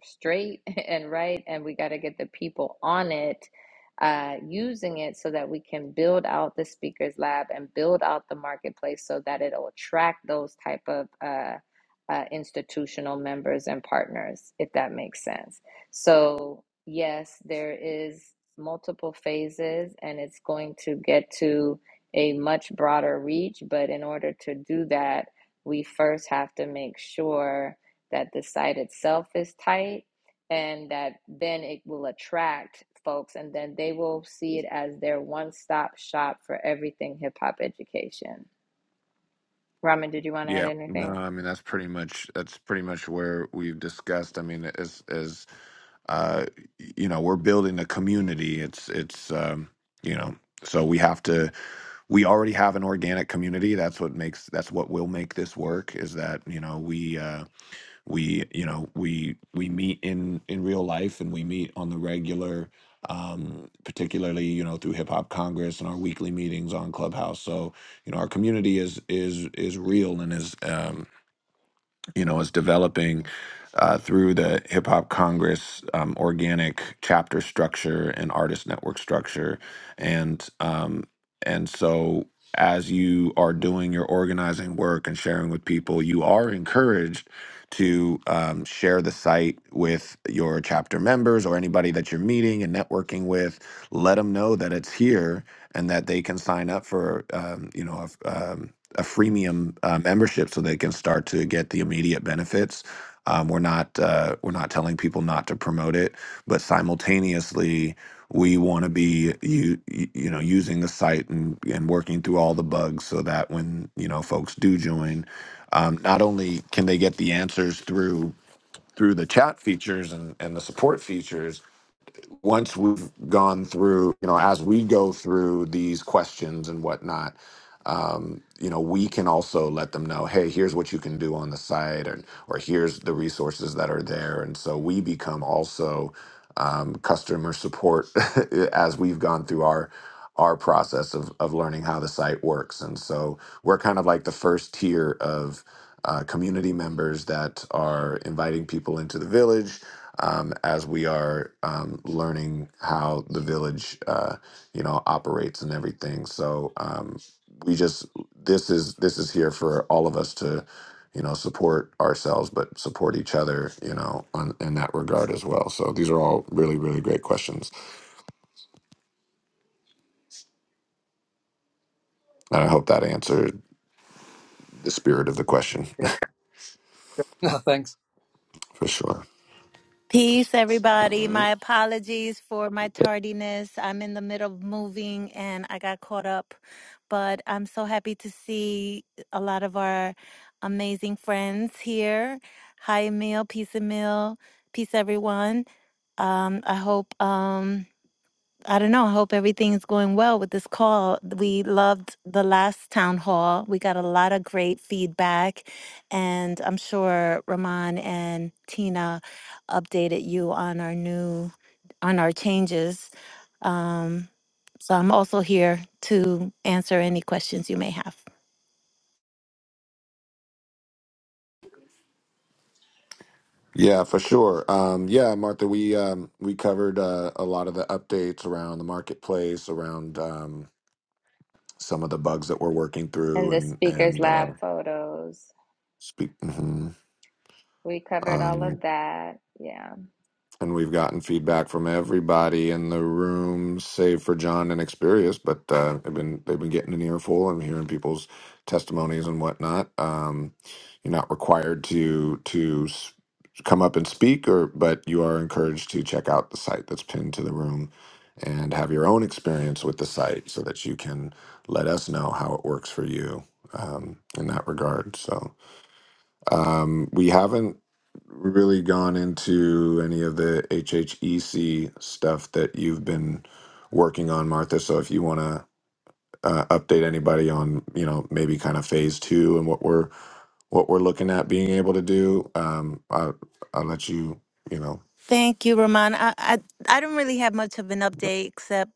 B: straight and right, and we got to get the people on it uh, using it so that we can build out the speakers lab and build out the marketplace so that it'll attract those type of uh, uh, institutional members and partners, if that makes sense. So, yes, there is multiple phases and it's going to get to a much broader reach. But in order to do that, we first have to make sure that the site itself is tight and that then it will attract folks and then they will see it as their one stop shop for everything hip hop education. Ramen, did you want to add
A: Yeah, no,
B: anything?
A: I mean that's pretty much that's pretty much where we've discussed. I mean, as as uh, you know, we're building a community. It's it's um, you know, so we have to. We already have an organic community. That's what makes that's what will make this work. Is that you know we. Uh, we you know we we meet in in real life and we meet on the regular um particularly you know through hip hop congress and our weekly meetings on clubhouse so you know our community is is is real and is um you know, is developing uh, through the Hip Hop Congress um, organic chapter structure and artist network structure, and um, and so as you are doing your organizing work and sharing with people, you are encouraged to um, share the site with your chapter members or anybody that you're meeting and networking with. Let them know that it's here and that they can sign up for um, you know a, a freemium uh, membership so they can start to get the immediate benefits. Um, we're not uh, we're not telling people not to promote it, but simultaneously we want to be you you know using the site and and working through all the bugs so that when you know folks do join, um, not only can they get the answers through through the chat features and, and the support features once we've gone through you know as we go through these questions and whatnot um, you know, we can also let them know, hey, here's what you can do on the site, and or here's the resources that are there, and so we become also um, customer support as we've gone through our our process of of learning how the site works, and so we're kind of like the first tier of uh, community members that are inviting people into the village. Um, as we are um, learning how the village, uh, you know, operates and everything, so um, we just this is this is here for all of us to you know support ourselves but support each other you know on, in that regard as well so these are all really really great questions and i hope that answered the spirit of the question
H: Yeah. No, thanks.
A: for sure
I: Peace,
A: all
I: everybody.
A: right
I: My apologies for my tardiness. I'm in the middle of moving and I got caught up, but I'm so happy to see a lot of our amazing friends here. Hi, Emil. Peace, Emil. Peace, everyone. Um, I hope. Um, I don't know. I hope everything's going well with this call. We loved the last town hall. We got a lot of great feedback, and I'm sure Ramon and Tina updated you on our new, on our changes. Um, so I'm also here to answer any questions you may have.
A: yeah for sure um yeah martha we um we covered uh, a lot of the updates around the marketplace around um some of the bugs that we're working through
B: And the
A: and
B: speakers
A: and
B: lab
A: uh
B: photos.
A: speak mhm.
B: We covered all
A: Um,
B: of that. Yeah.
A: and we've gotten feedback from everybody in the room, save for John and Experius. But uh, they've been they've been getting an earful and hearing people's testimonies and whatnot. Um, you're not required to to s- come up and speak, or but you are encouraged to check out the site that's pinned to the room and have your own experience with the site so that you can let us know how it works for you um, in that regard. So. Um, we haven't really gone into any of the HHEC stuff that you've been working on, Martha. So if you want to uh, update anybody on, you know, maybe kind of phase two and what we're what we're looking at being able to do, um, I'll, I'll let you, you know.
I: Thank you, Ramon. I, I I don't really have much of an update except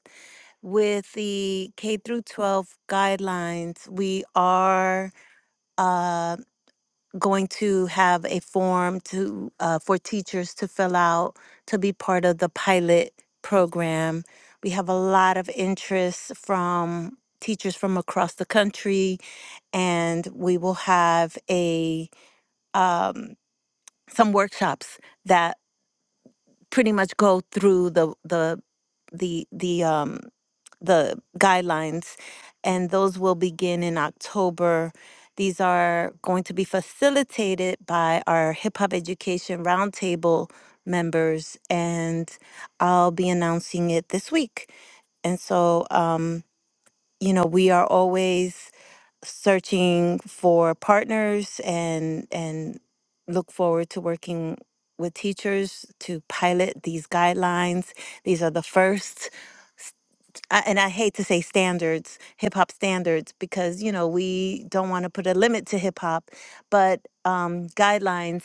I: with the K through 12 guidelines, we are. uh, going to have a form to uh, for teachers to fill out to be part of the pilot program. We have a lot of interest from teachers from across the country, and we will have a um, some workshops that pretty much go through the the the the um the guidelines and those will begin in October. These are going to be facilitated by our hip hop education roundtable members and I'll be announcing it this week. And so um you know, we are always searching for partners and and look forward to working with teachers to pilot these guidelines. These are the first st- I- and I hate to say standards, hip hop standards, because you know we don't want to put a limit to hip hop, but um, guidelines,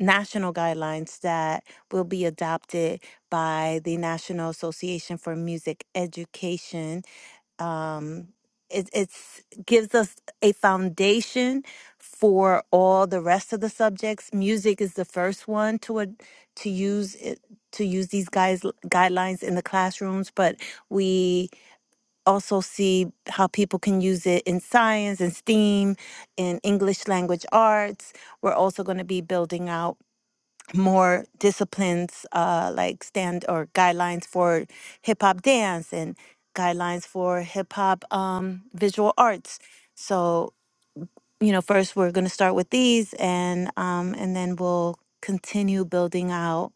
I: national guidelines that will be adopted by the National Association for Music Education um, it it's, gives us a foundation for all the rest of the subjects. Music is the first one to ad to use it, to use these guys guidelines in the classrooms, but we also see how people can use it in science and STEAM, in English language arts. We're also going to be building out more disciplines uh, like stand or guidelines for hip hop dance and guidelines for hip hop um, visual arts. So you know, first we're going to start with these, and um, and then we'll continue building out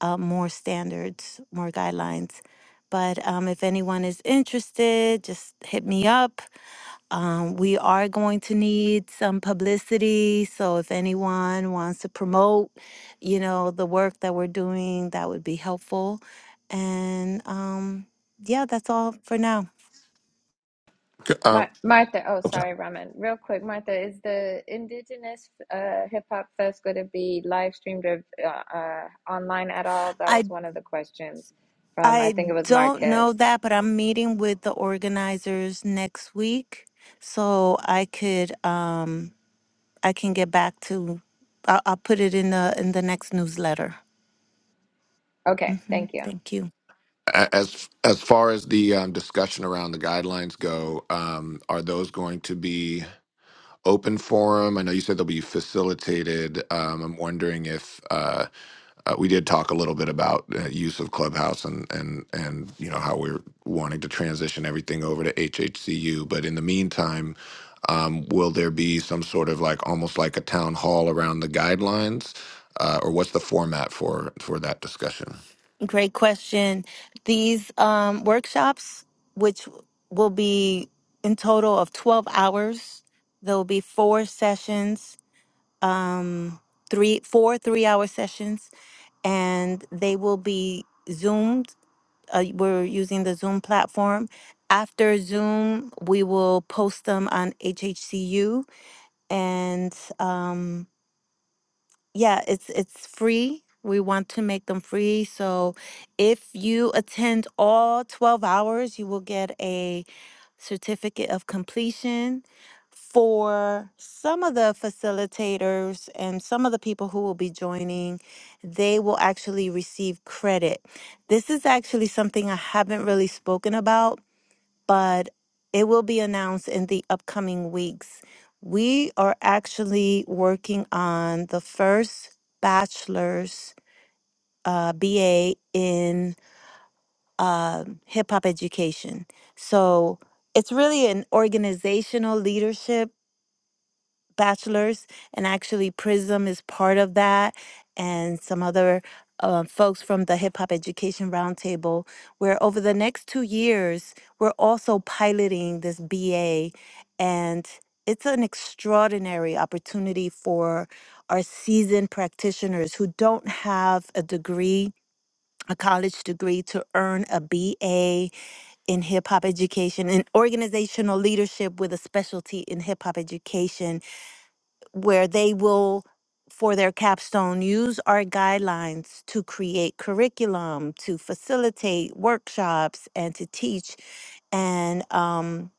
I: uh, more standards, more guidelines. But um, if anyone is interested, just hit me up. Um, we are going to need some publicity. So if anyone wants to promote, you know, the work that we're doing, that would be helpful. And um, yeah, that's all for now.
A: Uh,
B: Mar- Martha, oh,
A: okay.
B: sorry, Raman. Real quick, Martha, is the Indigenous uh, Hip Hop Fest going to be live streamed or uh, uh, online at all? That was
I: I
B: one of the questions from, I
I: I
B: think it was
I: don't
B: Marquez.
I: know that, but I'm meeting with the organizers next week, so I could. Um, I can get back to. I'll, I'll put it in the in the next newsletter.
B: Okay,
I: hmm
B: thank you.
I: Thank you.
A: A- As as far as the um, discussion around the guidelines go, um, are those going to be open forum? I know you said they'll be facilitated. Um, I'm wondering if uh, uh, we did talk a little bit about uh, use of Clubhouse and and and you know how we're wanting to transition everything over to HHCU. But in the meantime, um, will there be some sort of like almost like a town hall around the guidelines, uh, or what's the format for for that discussion?
I: Great question. These um, workshops, which will be in total of twelve hours, there will be four sessions, um, three four three hour sessions, and they will be zoomed. Uh, we're using the Zoom platform. After Zoom, we will post them on HHCU and. Um, Yeah, it's it's free. We want to make them free. So if you attend all 12 hours, you will get a certificate of completion. For some of the facilitators and some of the people who will be joining, they will actually receive credit. This is actually something I haven't really spoken about but it will be announced in the upcoming weeks. We are actually working on the first bachelor's uh, BA in uh, hip hop education. So it's really an organizational leadership bachelor's, and actually Prism is part of that, and some other uh, folks from the Hip Hop Education Roundtable, where over the next two years, we're also piloting this BA, and it's an extraordinary opportunity for our seasoned practitioners who don't have a degree, a college degree, to earn a BA in hip hop education and organizational leadership with a specialty in hip hop education where they will, for their capstone, use our guidelines to create curriculum, to facilitate workshops, and to teach. And, um,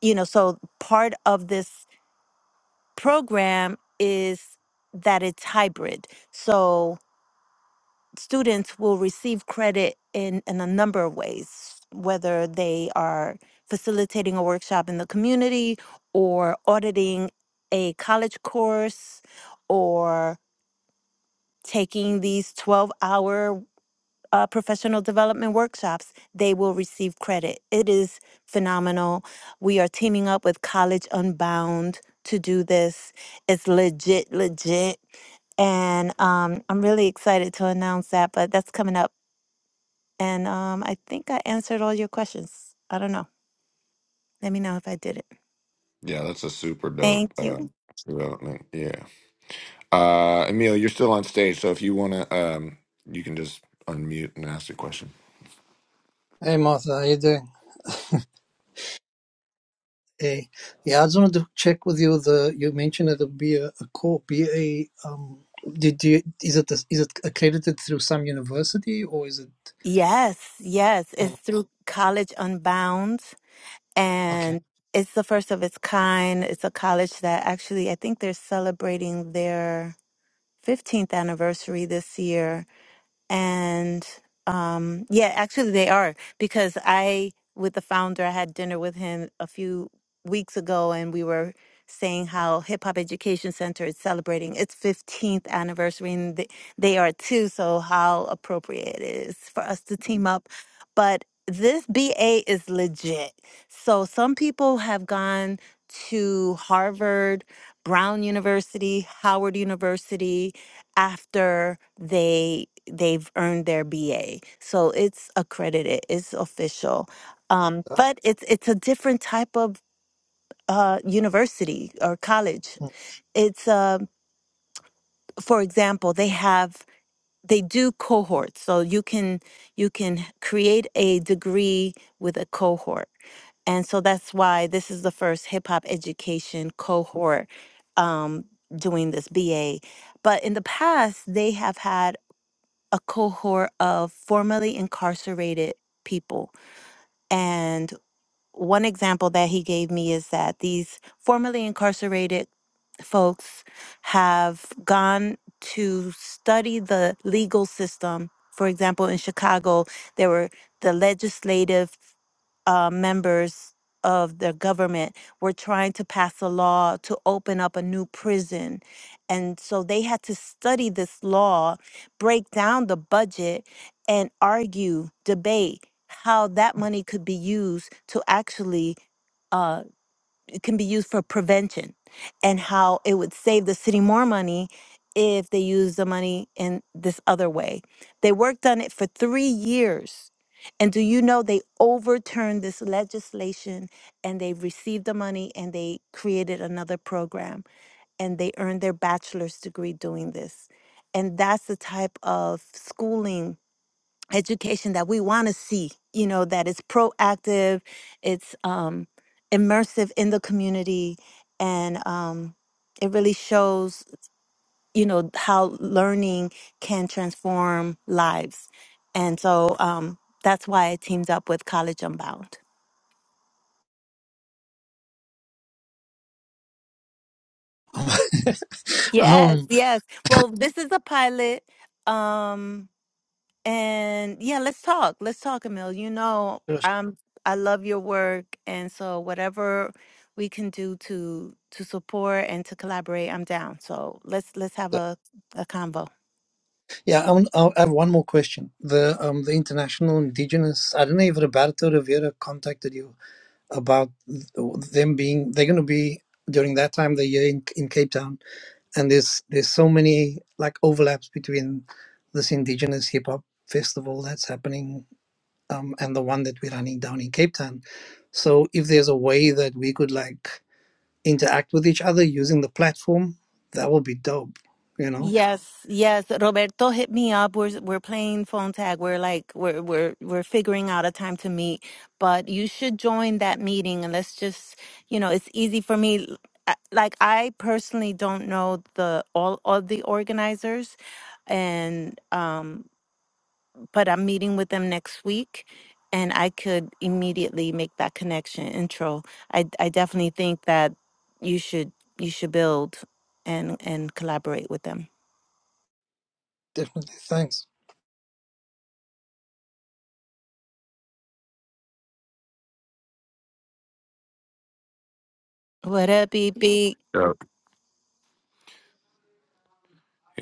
I: you know, so part of this program is that it's hybrid. So students will receive credit in, in a number of ways, whether they are facilitating a workshop in the community or auditing a college course or taking these 12 hour uh, professional development workshops, they will receive credit. It is phenomenal. We are teaming up with College Unbound to do this. It's legit, legit. And um, I'm really excited to announce that, but that's coming up. And um, I think I answered all your questions. I don't know. Let me know if I did it.
A: Yeah, that's a super dope
I: Thank
A: uh,
I: you.
A: development. Yeah, uh, Emil, you're still on stage, so if you want to, um, you can just unmute and ask a question.
H: Hey Martha, how you doing? A. Yeah, I just wanted to check with you. The you mentioned it'll be a, a co be a um. Did you is it a, is it accredited through some university or is it?
I: Yes, yes. It's
H: Oh,
I: through College Unbound.
H: okay.
I: and it's the first of its kind. It's a college that actually, I think they're celebrating their 15th anniversary this year and um yeah actually they are because i with the founder i had dinner with him a few weeks ago and we were saying how hip hop education center is celebrating its 15th anniversary and they, they are too so how appropriate it is for us to team up but this ba is legit so some people have gone to harvard brown university howard university after they they've earned their BA. So it's accredited, it's official. Um,
H: Um,
I: but it's it's a different type of uh, university or college. It's uh, for example, they have they do cohorts, so you can you can create a degree with a cohort, and so that's why this is the first hip hop education cohort um, doing this BA. But in the past, they have had a cohort of formerly incarcerated people. And one example that he gave me is that these formerly incarcerated folks have gone to study the legal system. For example, in Chicago, there were the legislative uh, members of the government were trying to pass a law to open up a new prison. And so they had to study this law, break down the budget, and argue, debate how that money could be used to actually. uh, can be used for prevention and how it would save the city more money if they used the money in this other way. They worked on it for three years. And do you know they overturned this legislation and they received the money and they created another program and they earned their bachelor's degree doing this? And that's the type of schooling education that we want to see you know that is proactive it's um immersive in the community and um it really shows you know how learning can transform lives and so um that's why i teamed up with college unbound yes
H: um,
I: yes well this is a pilot um And yeah, let's talk. Let's talk, Emil. You know,
H: sure, sure.
I: I'm I love your work, and so whatever we can do to to support and to collaborate, I'm down. So let's let's have a a convo.
H: yeah, I, want- I I have one more question. The um the international indigenous. I don't know if Roberto Rivera contacted you about them being they're going to be during that time of the year in in Cape Town. and there's there's so many like overlaps between this indigenous hip hop festival that's happening um, and the one that we're running down in Cape Town. So if there's a way that we could like interact with each other using the platform, that would be dope. You know,
I: Yes, yes. Roberto hit me up. We're we're playing phone tag. We're like we're we're we're figuring out a time to meet. But you should join that meeting and let's just, you know, it's easy for me. Uh, Like I personally don't know the all of the organizers and um but I'm meeting with them next week and I could immediately make that connection intro. I I definitely think that you should you should build and and collaborate with them.
H: definitely. Thanks.
I: What up, be be?
A: Yep.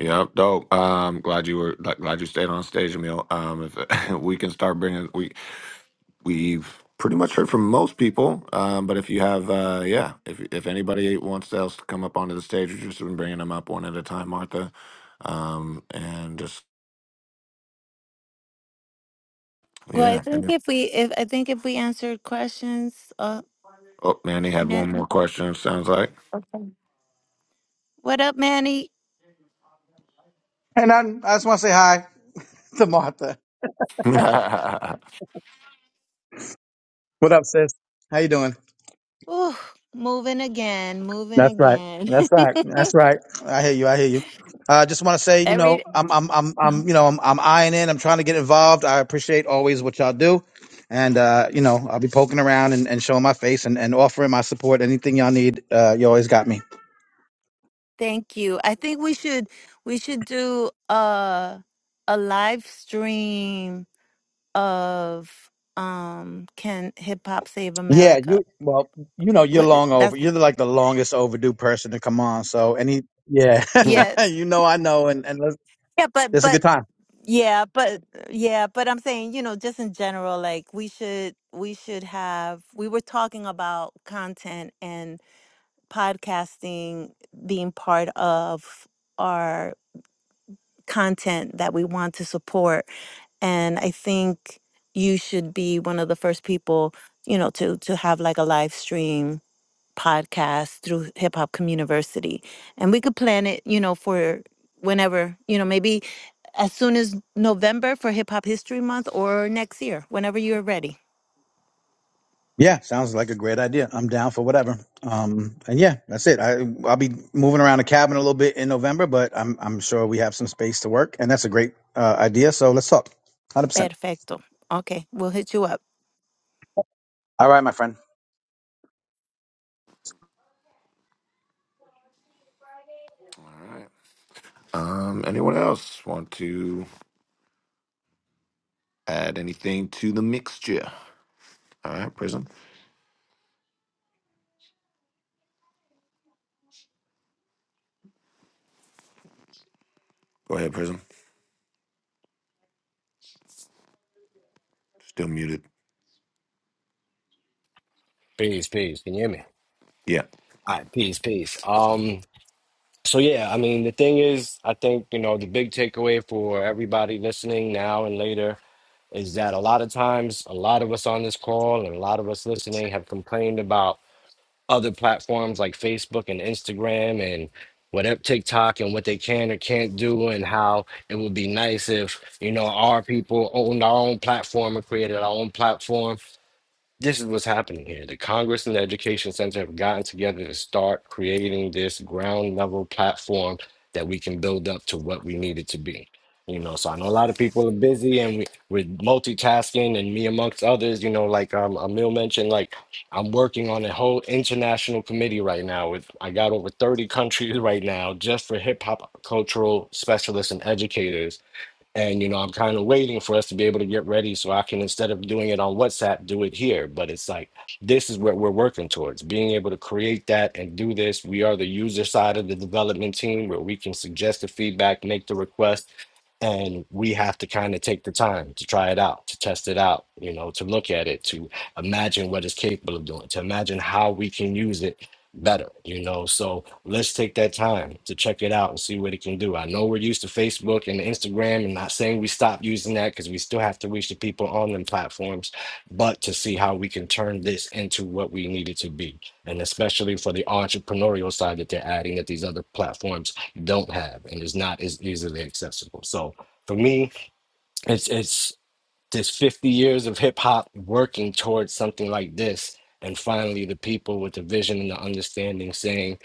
A: Yep. Dope. Um, glad you were gl- glad you stayed on stage, Emil. Um, if we can start bringing we we've pretty much heard from most people. Um, but if you have, uh, yeah, if if anybody wants else to come up onto the stage, we've just been bringing them up one at a time, Martha. Um, and just
I: Well, I
A: yeah.
I: think
A: And if-
I: if we if I think if we answered questions, uh,
A: oh, Manny had one
I: Man-
A: more question. It Sounds like.
I: okay. What up, Manny?
D: And I, I just want to say hi to Martha. What up, sis? How you doing?
I: Ooh, moving again, moving
D: That's right.
I: again.
D: That's right. That's right. I hear you. I hear you. I uh, just want to say, you know,
I: Every
D: I'm, I'm, I'm,
I: um,
D: I'm, you know, I'm, I'm eyeing in. I'm trying to get involved. I appreciate always what y'all do, and uh, you know, I'll be poking around and, and showing my face and, and offering my support. Anything y'all need, uh, you always got me.
I: thank you. I think we should we should do a a live stream of um can hip hop save
D: Yeah,
I: America?
D: you. Well, you know, you're
I: What
D: long over.
I: that's
D: You're like the longest overdue person to come on. So any, yeah,
A: All
I: yes
D: you know, I know, and and let's,
I: Yeah, but
D: it's a
I: but
D: good time.
I: yeah, but yeah, but I'm saying, you know, just in general, like we should we should have we were talking about content and podcasting being part of our content that we want to support. And I think you should be one of the first people, you know, to to have like a live stream podcast through Hip Hop Community. And we could plan it, you know, for whenever, you know, maybe as soon as November for Hip Hop History Month or next year, whenever you're ready.
D: Yeah, sounds like a great idea. I'm down for whatever. Um, and yeah, that's it. I I'll be moving around the cabin a little bit in November, but I'm I'm sure we have some space to work, and that's a great uh, idea. So let's talk. Hundred percent.
I: Perfecto. Okay, we'll hit you up.
D: All right, my friend.
A: right. Um, anyone else want to add anything to the mixture? All right, Prism. Go ahead, Prism. Still muted.
F: Peace, peace. Can you hear me?
A: Yeah.
F: All right, peace, peace. Um, so yeah, I mean, the thing is, I think, you know, the big takeaway for everybody listening now and later is that a lot of times, a lot of us on this call and a lot of us listening have complained about other platforms like Facebook and Instagram and whatever TikTok and what they can or can't do and how it would be nice if you know our people owned our own platform and created our own platform this is what's happening here. The Congress and the Education Center have gotten together to start creating this ground level platform that we can build up to what we need it to be. You know, so I know a lot of people are busy and we, we're multitasking, and me amongst others, you know, like um, Emil mentioned, like I'm working on a whole international committee right now. With I got over 30 countries right now just for hip hop cultural specialists and educators and you know, I'm kind of waiting for us to be able to get ready so I can instead of doing it on WhatsApp, do it here. But it's like this is what we're working towards, being able to create that and do this. We are the user side of the development team where we can suggest the feedback, make the request, and we have to kind of take the time to try it out, to test it out, you know, to look at it, to imagine what it's capable of doing, to imagine how we can use it better, you know. So let's take that time to check it out and see what it can do. I know we're used to Facebook and Instagram, and not saying we stop using that because we still have to reach the people on them platforms, but to see how we can turn this into what we need it to be. And especially for the entrepreneurial side that they're adding that these other platforms don't have and is not as easily accessible. So for me, it's it's. There's 50 years of hip hop working towards something like this. And finally, the people with the vision and the understanding saying,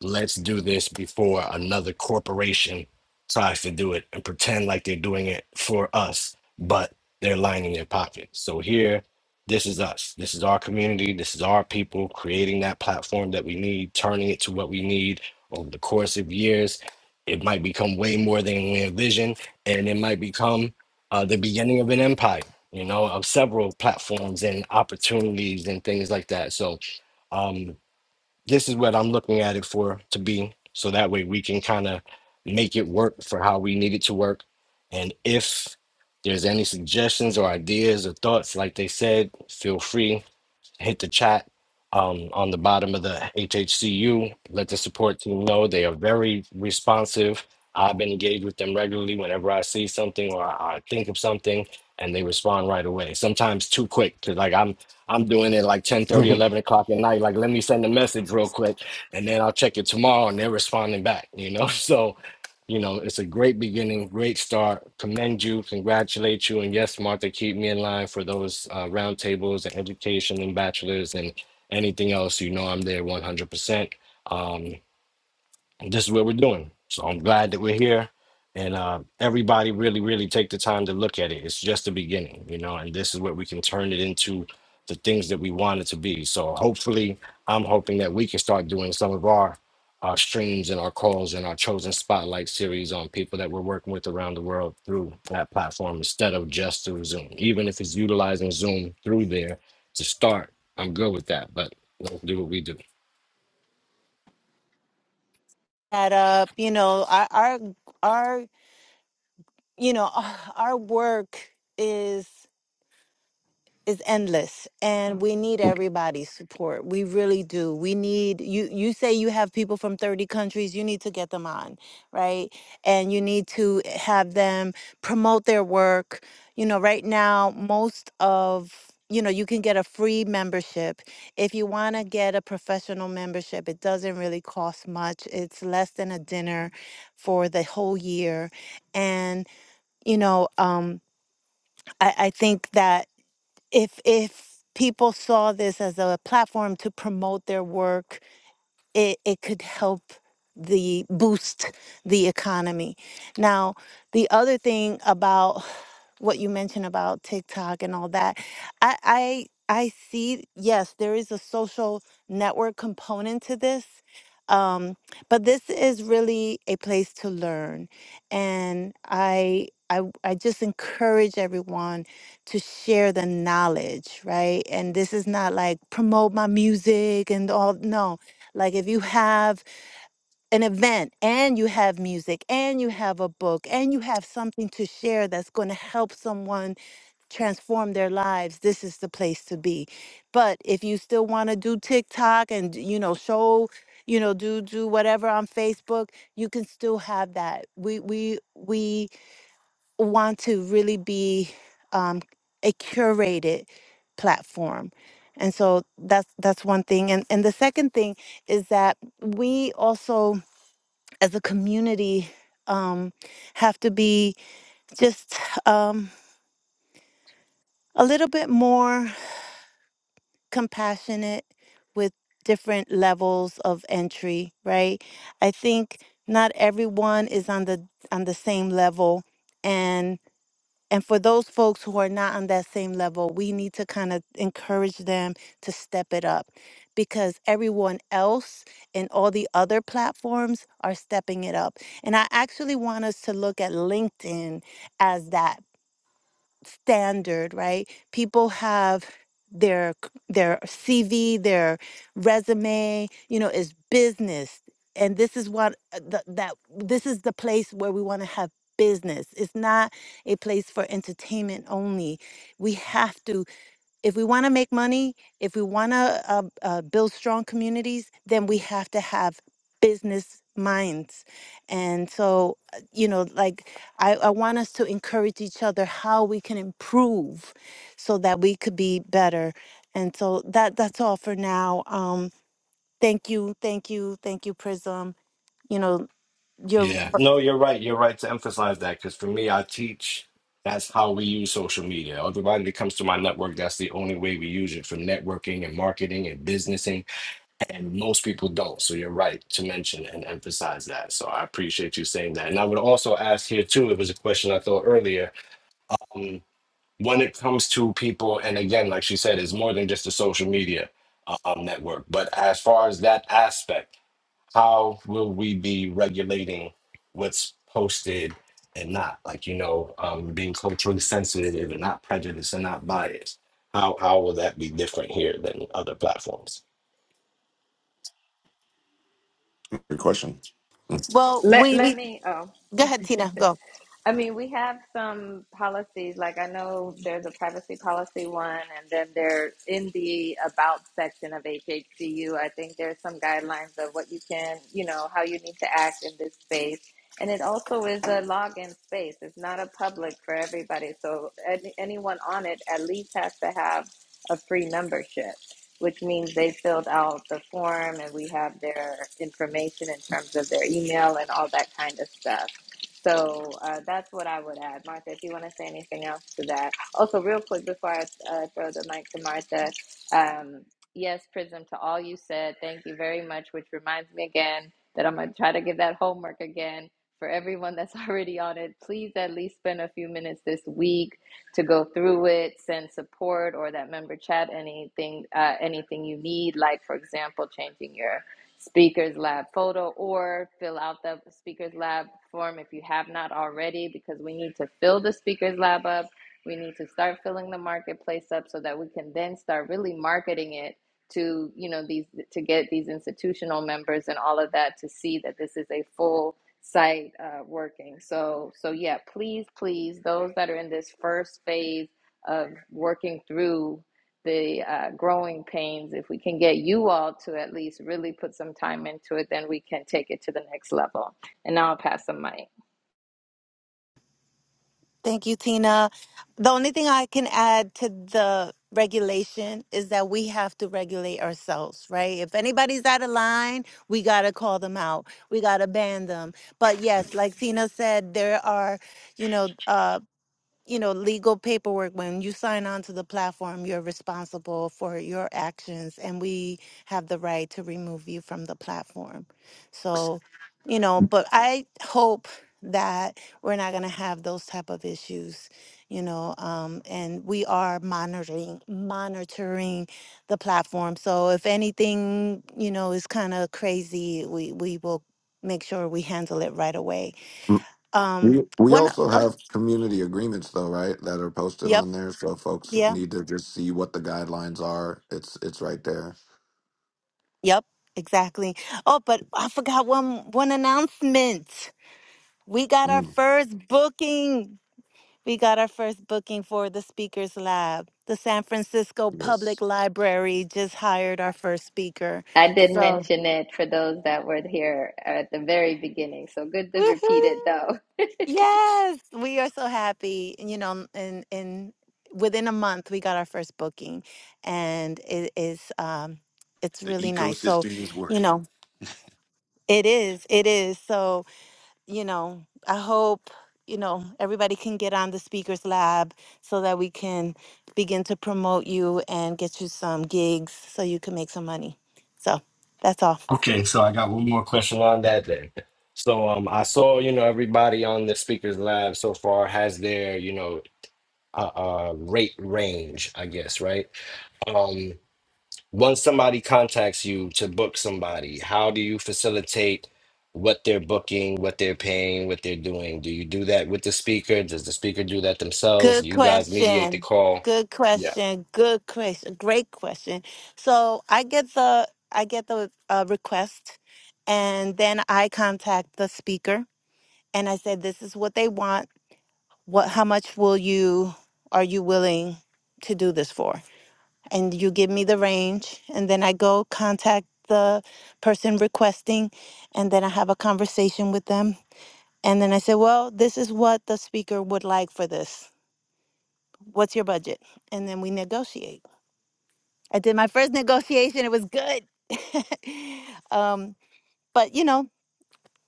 F: let's do this before another corporation tries to do it and pretend like they're doing it for us, but they're lining their pockets. So here, this is us. This is our community. This is our people creating that platform that we need, turning it to what we need over the course of years. It might become way more than we envision, and it might become uh, the beginning of an empire, you know, of several platforms and opportunities and things like that. So um, this is what I'm looking at it for to be. So that way we can kind of make it work for how we need it to work. And if there's any suggestions or ideas or thoughts, like they said, feel free hit the chat um, on the bottom of the HHCU. Let the support team know they are very responsive. I've been engaged with them regularly whenever I see something or I, I think of something, and they respond right away. Sometimes too quick, 'cause, like I'm I'm doing it like 10, thirty,
A: Good
F: 11 o'clock at night. Like, let me send a message real quick, and then I'll check it tomorrow, and they're responding back. You know, so you know, it's a great beginning, great start. Commend you, congratulate you, and yes, Martha, keep me in line for those uh, roundtables and education and bachelors and anything else. You know, I'm there 100%. Um, and this is what we're doing. So I'm glad that we're here. And uh, everybody really, really take the time to look at it. It's just the beginning, you know, and this is what we can turn it into the things that we want it to be. So hopefully, I'm hoping that we can start doing some of our our streams and our calls and our chosen spotlight series on people that we're working with around the world through that platform instead of just through Zoom. Even if it's utilizing Zoom through there to start, I'm good with that. But let's do what we do.
I: That up, you know, our our, our you know, our work is. is endless and we need everybody's support we really do we need you you say you have people from 30 countries you need to get them on right and you need to have them promote their work you know right now most of you know you can get a free membership if you want to get a professional membership it doesn't really cost much it's less than a dinner for the whole year and you know um I, I think that if if people saw this as a platform to promote their work, it, it could help the boost the economy. Now, the other thing about what you mentioned about TikTok and all that, I, I I see yes, there is a social network component to this. Um, but this is really a place to learn. And I I I just encourage everyone to share the knowledge, right? And this is not like promote my music and all no like if you have an event and you have music and you have a book and you have something to share that's going to help someone transform their lives, this is the place to be. But if you still want to do TikTok and you know show, you know do do whatever on Facebook, you can still have that. We we we want to really be um, a curated platform. And so that's that's one thing. And and the second thing is that we also as a community um, have to be just um, a little bit more compassionate with different levels of entry, right? I think not everyone is on the on the same level and. And for those folks who are not on that same level, we need to kind of encourage them to step it up because everyone else and all the other platforms are stepping it up. And I actually want us to look at LinkedIn as that standard, right? People have their c- their CV, their resume, you know, is business. And this is what uh, the, that this is the place where we want to have business. It's not a place for entertainment only. We have to if we want to make money, if we want to uh, uh, build strong communities, then we have to have business minds. And so, uh, you know, like I, I want us to encourage each other how we can improve so that we could be better. And so that that's all for now. Um, thank you, thank you, thank you, Prism. You know, you're
F: Yeah. No, you're right. You're right to emphasize that because for me, I teach that's how we use social media. Everybody that comes to my network, that's the only way we use it for networking and marketing and businessing. And most people don't. So you're right to mention and emphasize that. So I appreciate you saying that. And I would also ask here too, it was a question I thought earlier. Um, when it comes to people, and again, like she said, it's more than just a social media uh, um, network. But as far as that aspect, how will we be regulating what's posted and not like you know um, being culturally sensitive and not prejudiced and not biased how how will that be different here than other platforms
A: question.
I: well.
B: Let
I: We
B: let
I: we
B: me. Oh,
I: go ahead, Tina. Go.
B: I mean, we have some policies. Like I know there's a privacy policy one, and then there's in the about section of HHCU. I think there's some guidelines of what you can, you know, how you need to act in this space. And it also is a login space. It's not a public for everybody. So any, anyone on it at least has to have a free membership, which means they filled out the form and we have their information in terms of their email and all that kind of stuff. So uh, that's what I would add. Martha, if you want to say anything else to that. Also, real quick before I uh, throw the mic to Martha, um, yes, Prism, to all you said, thank you very much, which reminds me again that I'm going to try to give that homework again for everyone that's already on it. Please at least spend a few minutes this week to go through it, send support or that member chat anything uh, anything you need, like, for example, changing your Speakers Lab photo or fill out the Speakers Lab form if you have not already, because we need to fill the Speakers Lab up. We need to start filling the marketplace up so that we can then start really marketing it to you know these to get these institutional members and all of that to see that this is a full site uh, working. So so yeah, please please those that are in this first phase of working through the uh, growing pains, if we can get you all to at least really put some time into it, then we can take it to the next level. And now I'll pass the mic.
I: Thank you, Tina. The only thing I can add to the regulation is that we have to regulate ourselves, right? If anybody's out of line, we got to call them out. We got to ban them. But yes, like Tina said, there are, you know, uh, you know, legal paperwork. When you sign on to the platform, you're responsible for your actions, and we have the right to remove you from the platform. So, you know, but I hope that we're not going to have those type of issues you know um and we are monitoring monitoring the platform so if anything you know is kind of crazy we we will make sure we handle it right away um
A: We, we
I: one o-
A: also
I: oh,
A: have community agreements though, right? That are posted
I: yep
A: on there, so folks
I: yeah.
A: need to just see what the guidelines are. It's it's right there.
I: Yep, exactly. Oh, but I forgot one one announcement. We got our
A: Mm,
I: first booking. We got our first booking for the Speakers Lab. The San Francisco
A: yes,
I: Public Library just hired our first speaker.
B: I did
I: So,
B: mention it for those that were here at the very beginning, so good to repeat
I: woohoo!
B: it though.
I: Yes, we are so happy. And, You know, and in within a month we got our first booking, and it is um, it's
A: the
I: really nice. So,
A: ecosystem is
I: you
A: working.
I: know, it is, it is. So you know, I hope, you know, everybody can get on the speakers lab so that we can begin to promote you and get you some gigs so you can make some money. So that's all.
F: okay so i got one more question on that then so um i saw you know everybody on the speakers lab so far has their you know uh, uh rate range i guess right Um, once somebody contacts you to book somebody, how do you facilitate what they're booking, what they're paying, what they're doing? Do you do that with the speaker? Does the speaker do that themselves?
I: Good
F: Do you guys mediate the
I: question.
F: call?
I: Good
F: Yeah.
I: question. Good question. Great question. So I get the I get the uh, request, and then I contact the speaker and I say, "This is what they want. What? How much will you? Are you willing to do this for?" and you give me the range and then I go contact the person requesting and then I have a conversation with them and then I say, "Well, this is what the speaker would like for this. What's your budget?" And then we negotiate. I did my first negotiation. It was good. um, but you know,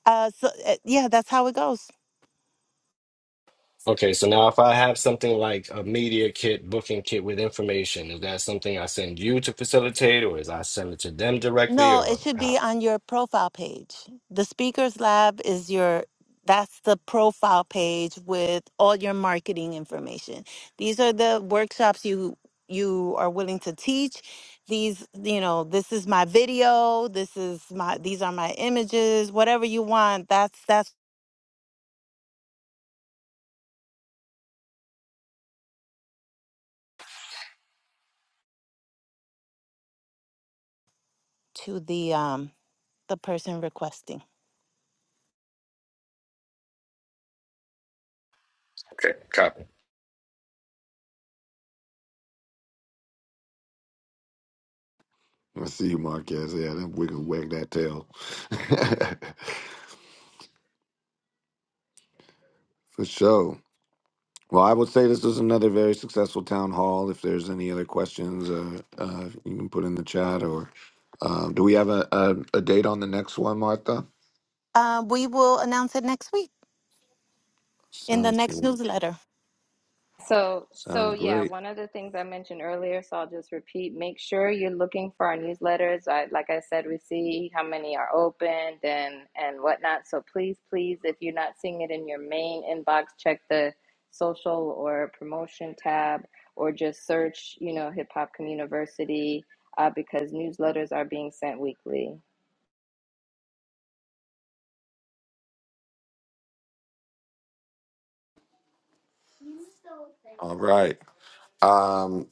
I: uh, so uh, yeah, that's how it goes.
F: Okay, so now if I have something like a media kit, booking kit with information, is that something I send you to facilitate, or is I send it to them directly,
I: No, it
F: or
I: should
F: how?
I: be on your profile page. The Speakers Lab is your that's the profile page with all your marketing information. These are the workshops you you are willing to teach. These, you know, this is my video, this is my these are my images, whatever you want. That's that's to the um the person requesting.
F: Okay. Copy.
A: I see you, Marquez. Yeah, then we can wag that tail for sure. Well, I would say this is another very successful town hall. If there's any other questions, uh, uh, you can put in the chat. Or um, do we have a, a, a date on the next one, Martha?
I: Uh, we will announce it next week in the
A: Sounds
I: next
A: good.
I: newsletter.
B: So, so
A: Sounds
B: yeah,
A: great.
B: one of the things I mentioned earlier, so I'll just repeat, make sure you're looking for our newsletters. I, like I said, we see how many are opened and and whatnot. So please, please, if you're not seeing it in your main inbox, check the social or promotion tab or just search, you know, Hip Hop Community uh, because newsletters are being sent weekly.
A: All right. Um,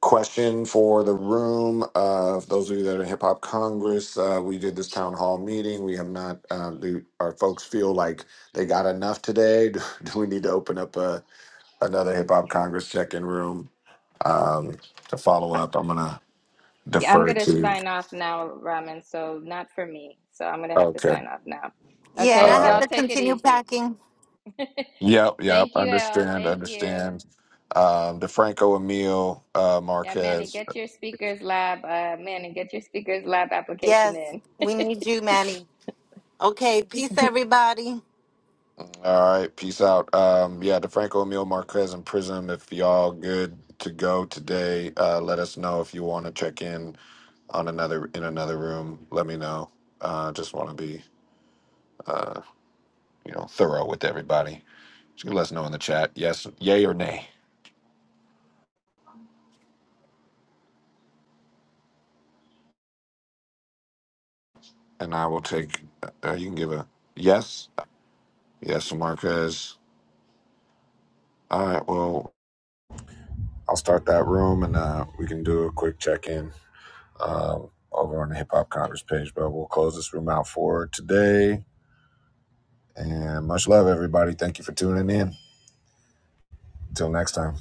A: question for the room. Uh, for those of you that are in Hip Hop Congress, uh, we did this town hall meeting. We have not. Um, do our folks feel like they got enough today? Do, do we need to open up a, another Hip Hop Congress check-in room um, to follow up? I'm gonna
B: Yeah, I'm
A: defer
B: gonna
A: to.
B: sign off now, Ramen. So not for me. So I'm gonna have to
A: Okay.
B: sign off now.
I: Yeah, and I
B: Okay,
I: have
A: Uh,
B: y'all
I: to
B: take it
I: continue
B: easy.
I: packing.
A: yep, yep.
B: Thank you, El.
A: Understand,
B: Thank you.
A: understand. Um, DeFranco Emil uh,
B: Yeah, Manny,
A: Marquez.
B: get your speakers lab. Uh, Manny, get your speakers lab application
I: Yes,
B: in.
I: we need you, Manny. Okay, peace, everybody.
A: All right, peace out. Um, yeah, DeFranco Emil Marquez and Prism. If y'all good to go today, uh, let us know if you want to check in on another in another room. Let me know. Uh, just want to be you know thorough with everybody. Just let us know in the chat. Yes, yay or nay, and I will take. Uh, you can give a yes. Yes, Marquez. All right. Well, I'll start that room, and uh, we can do a quick check in um, over on the Hip Hop Congress page. But we'll close this room out for today. And much love, everybody. Thank you for tuning in. Until next time.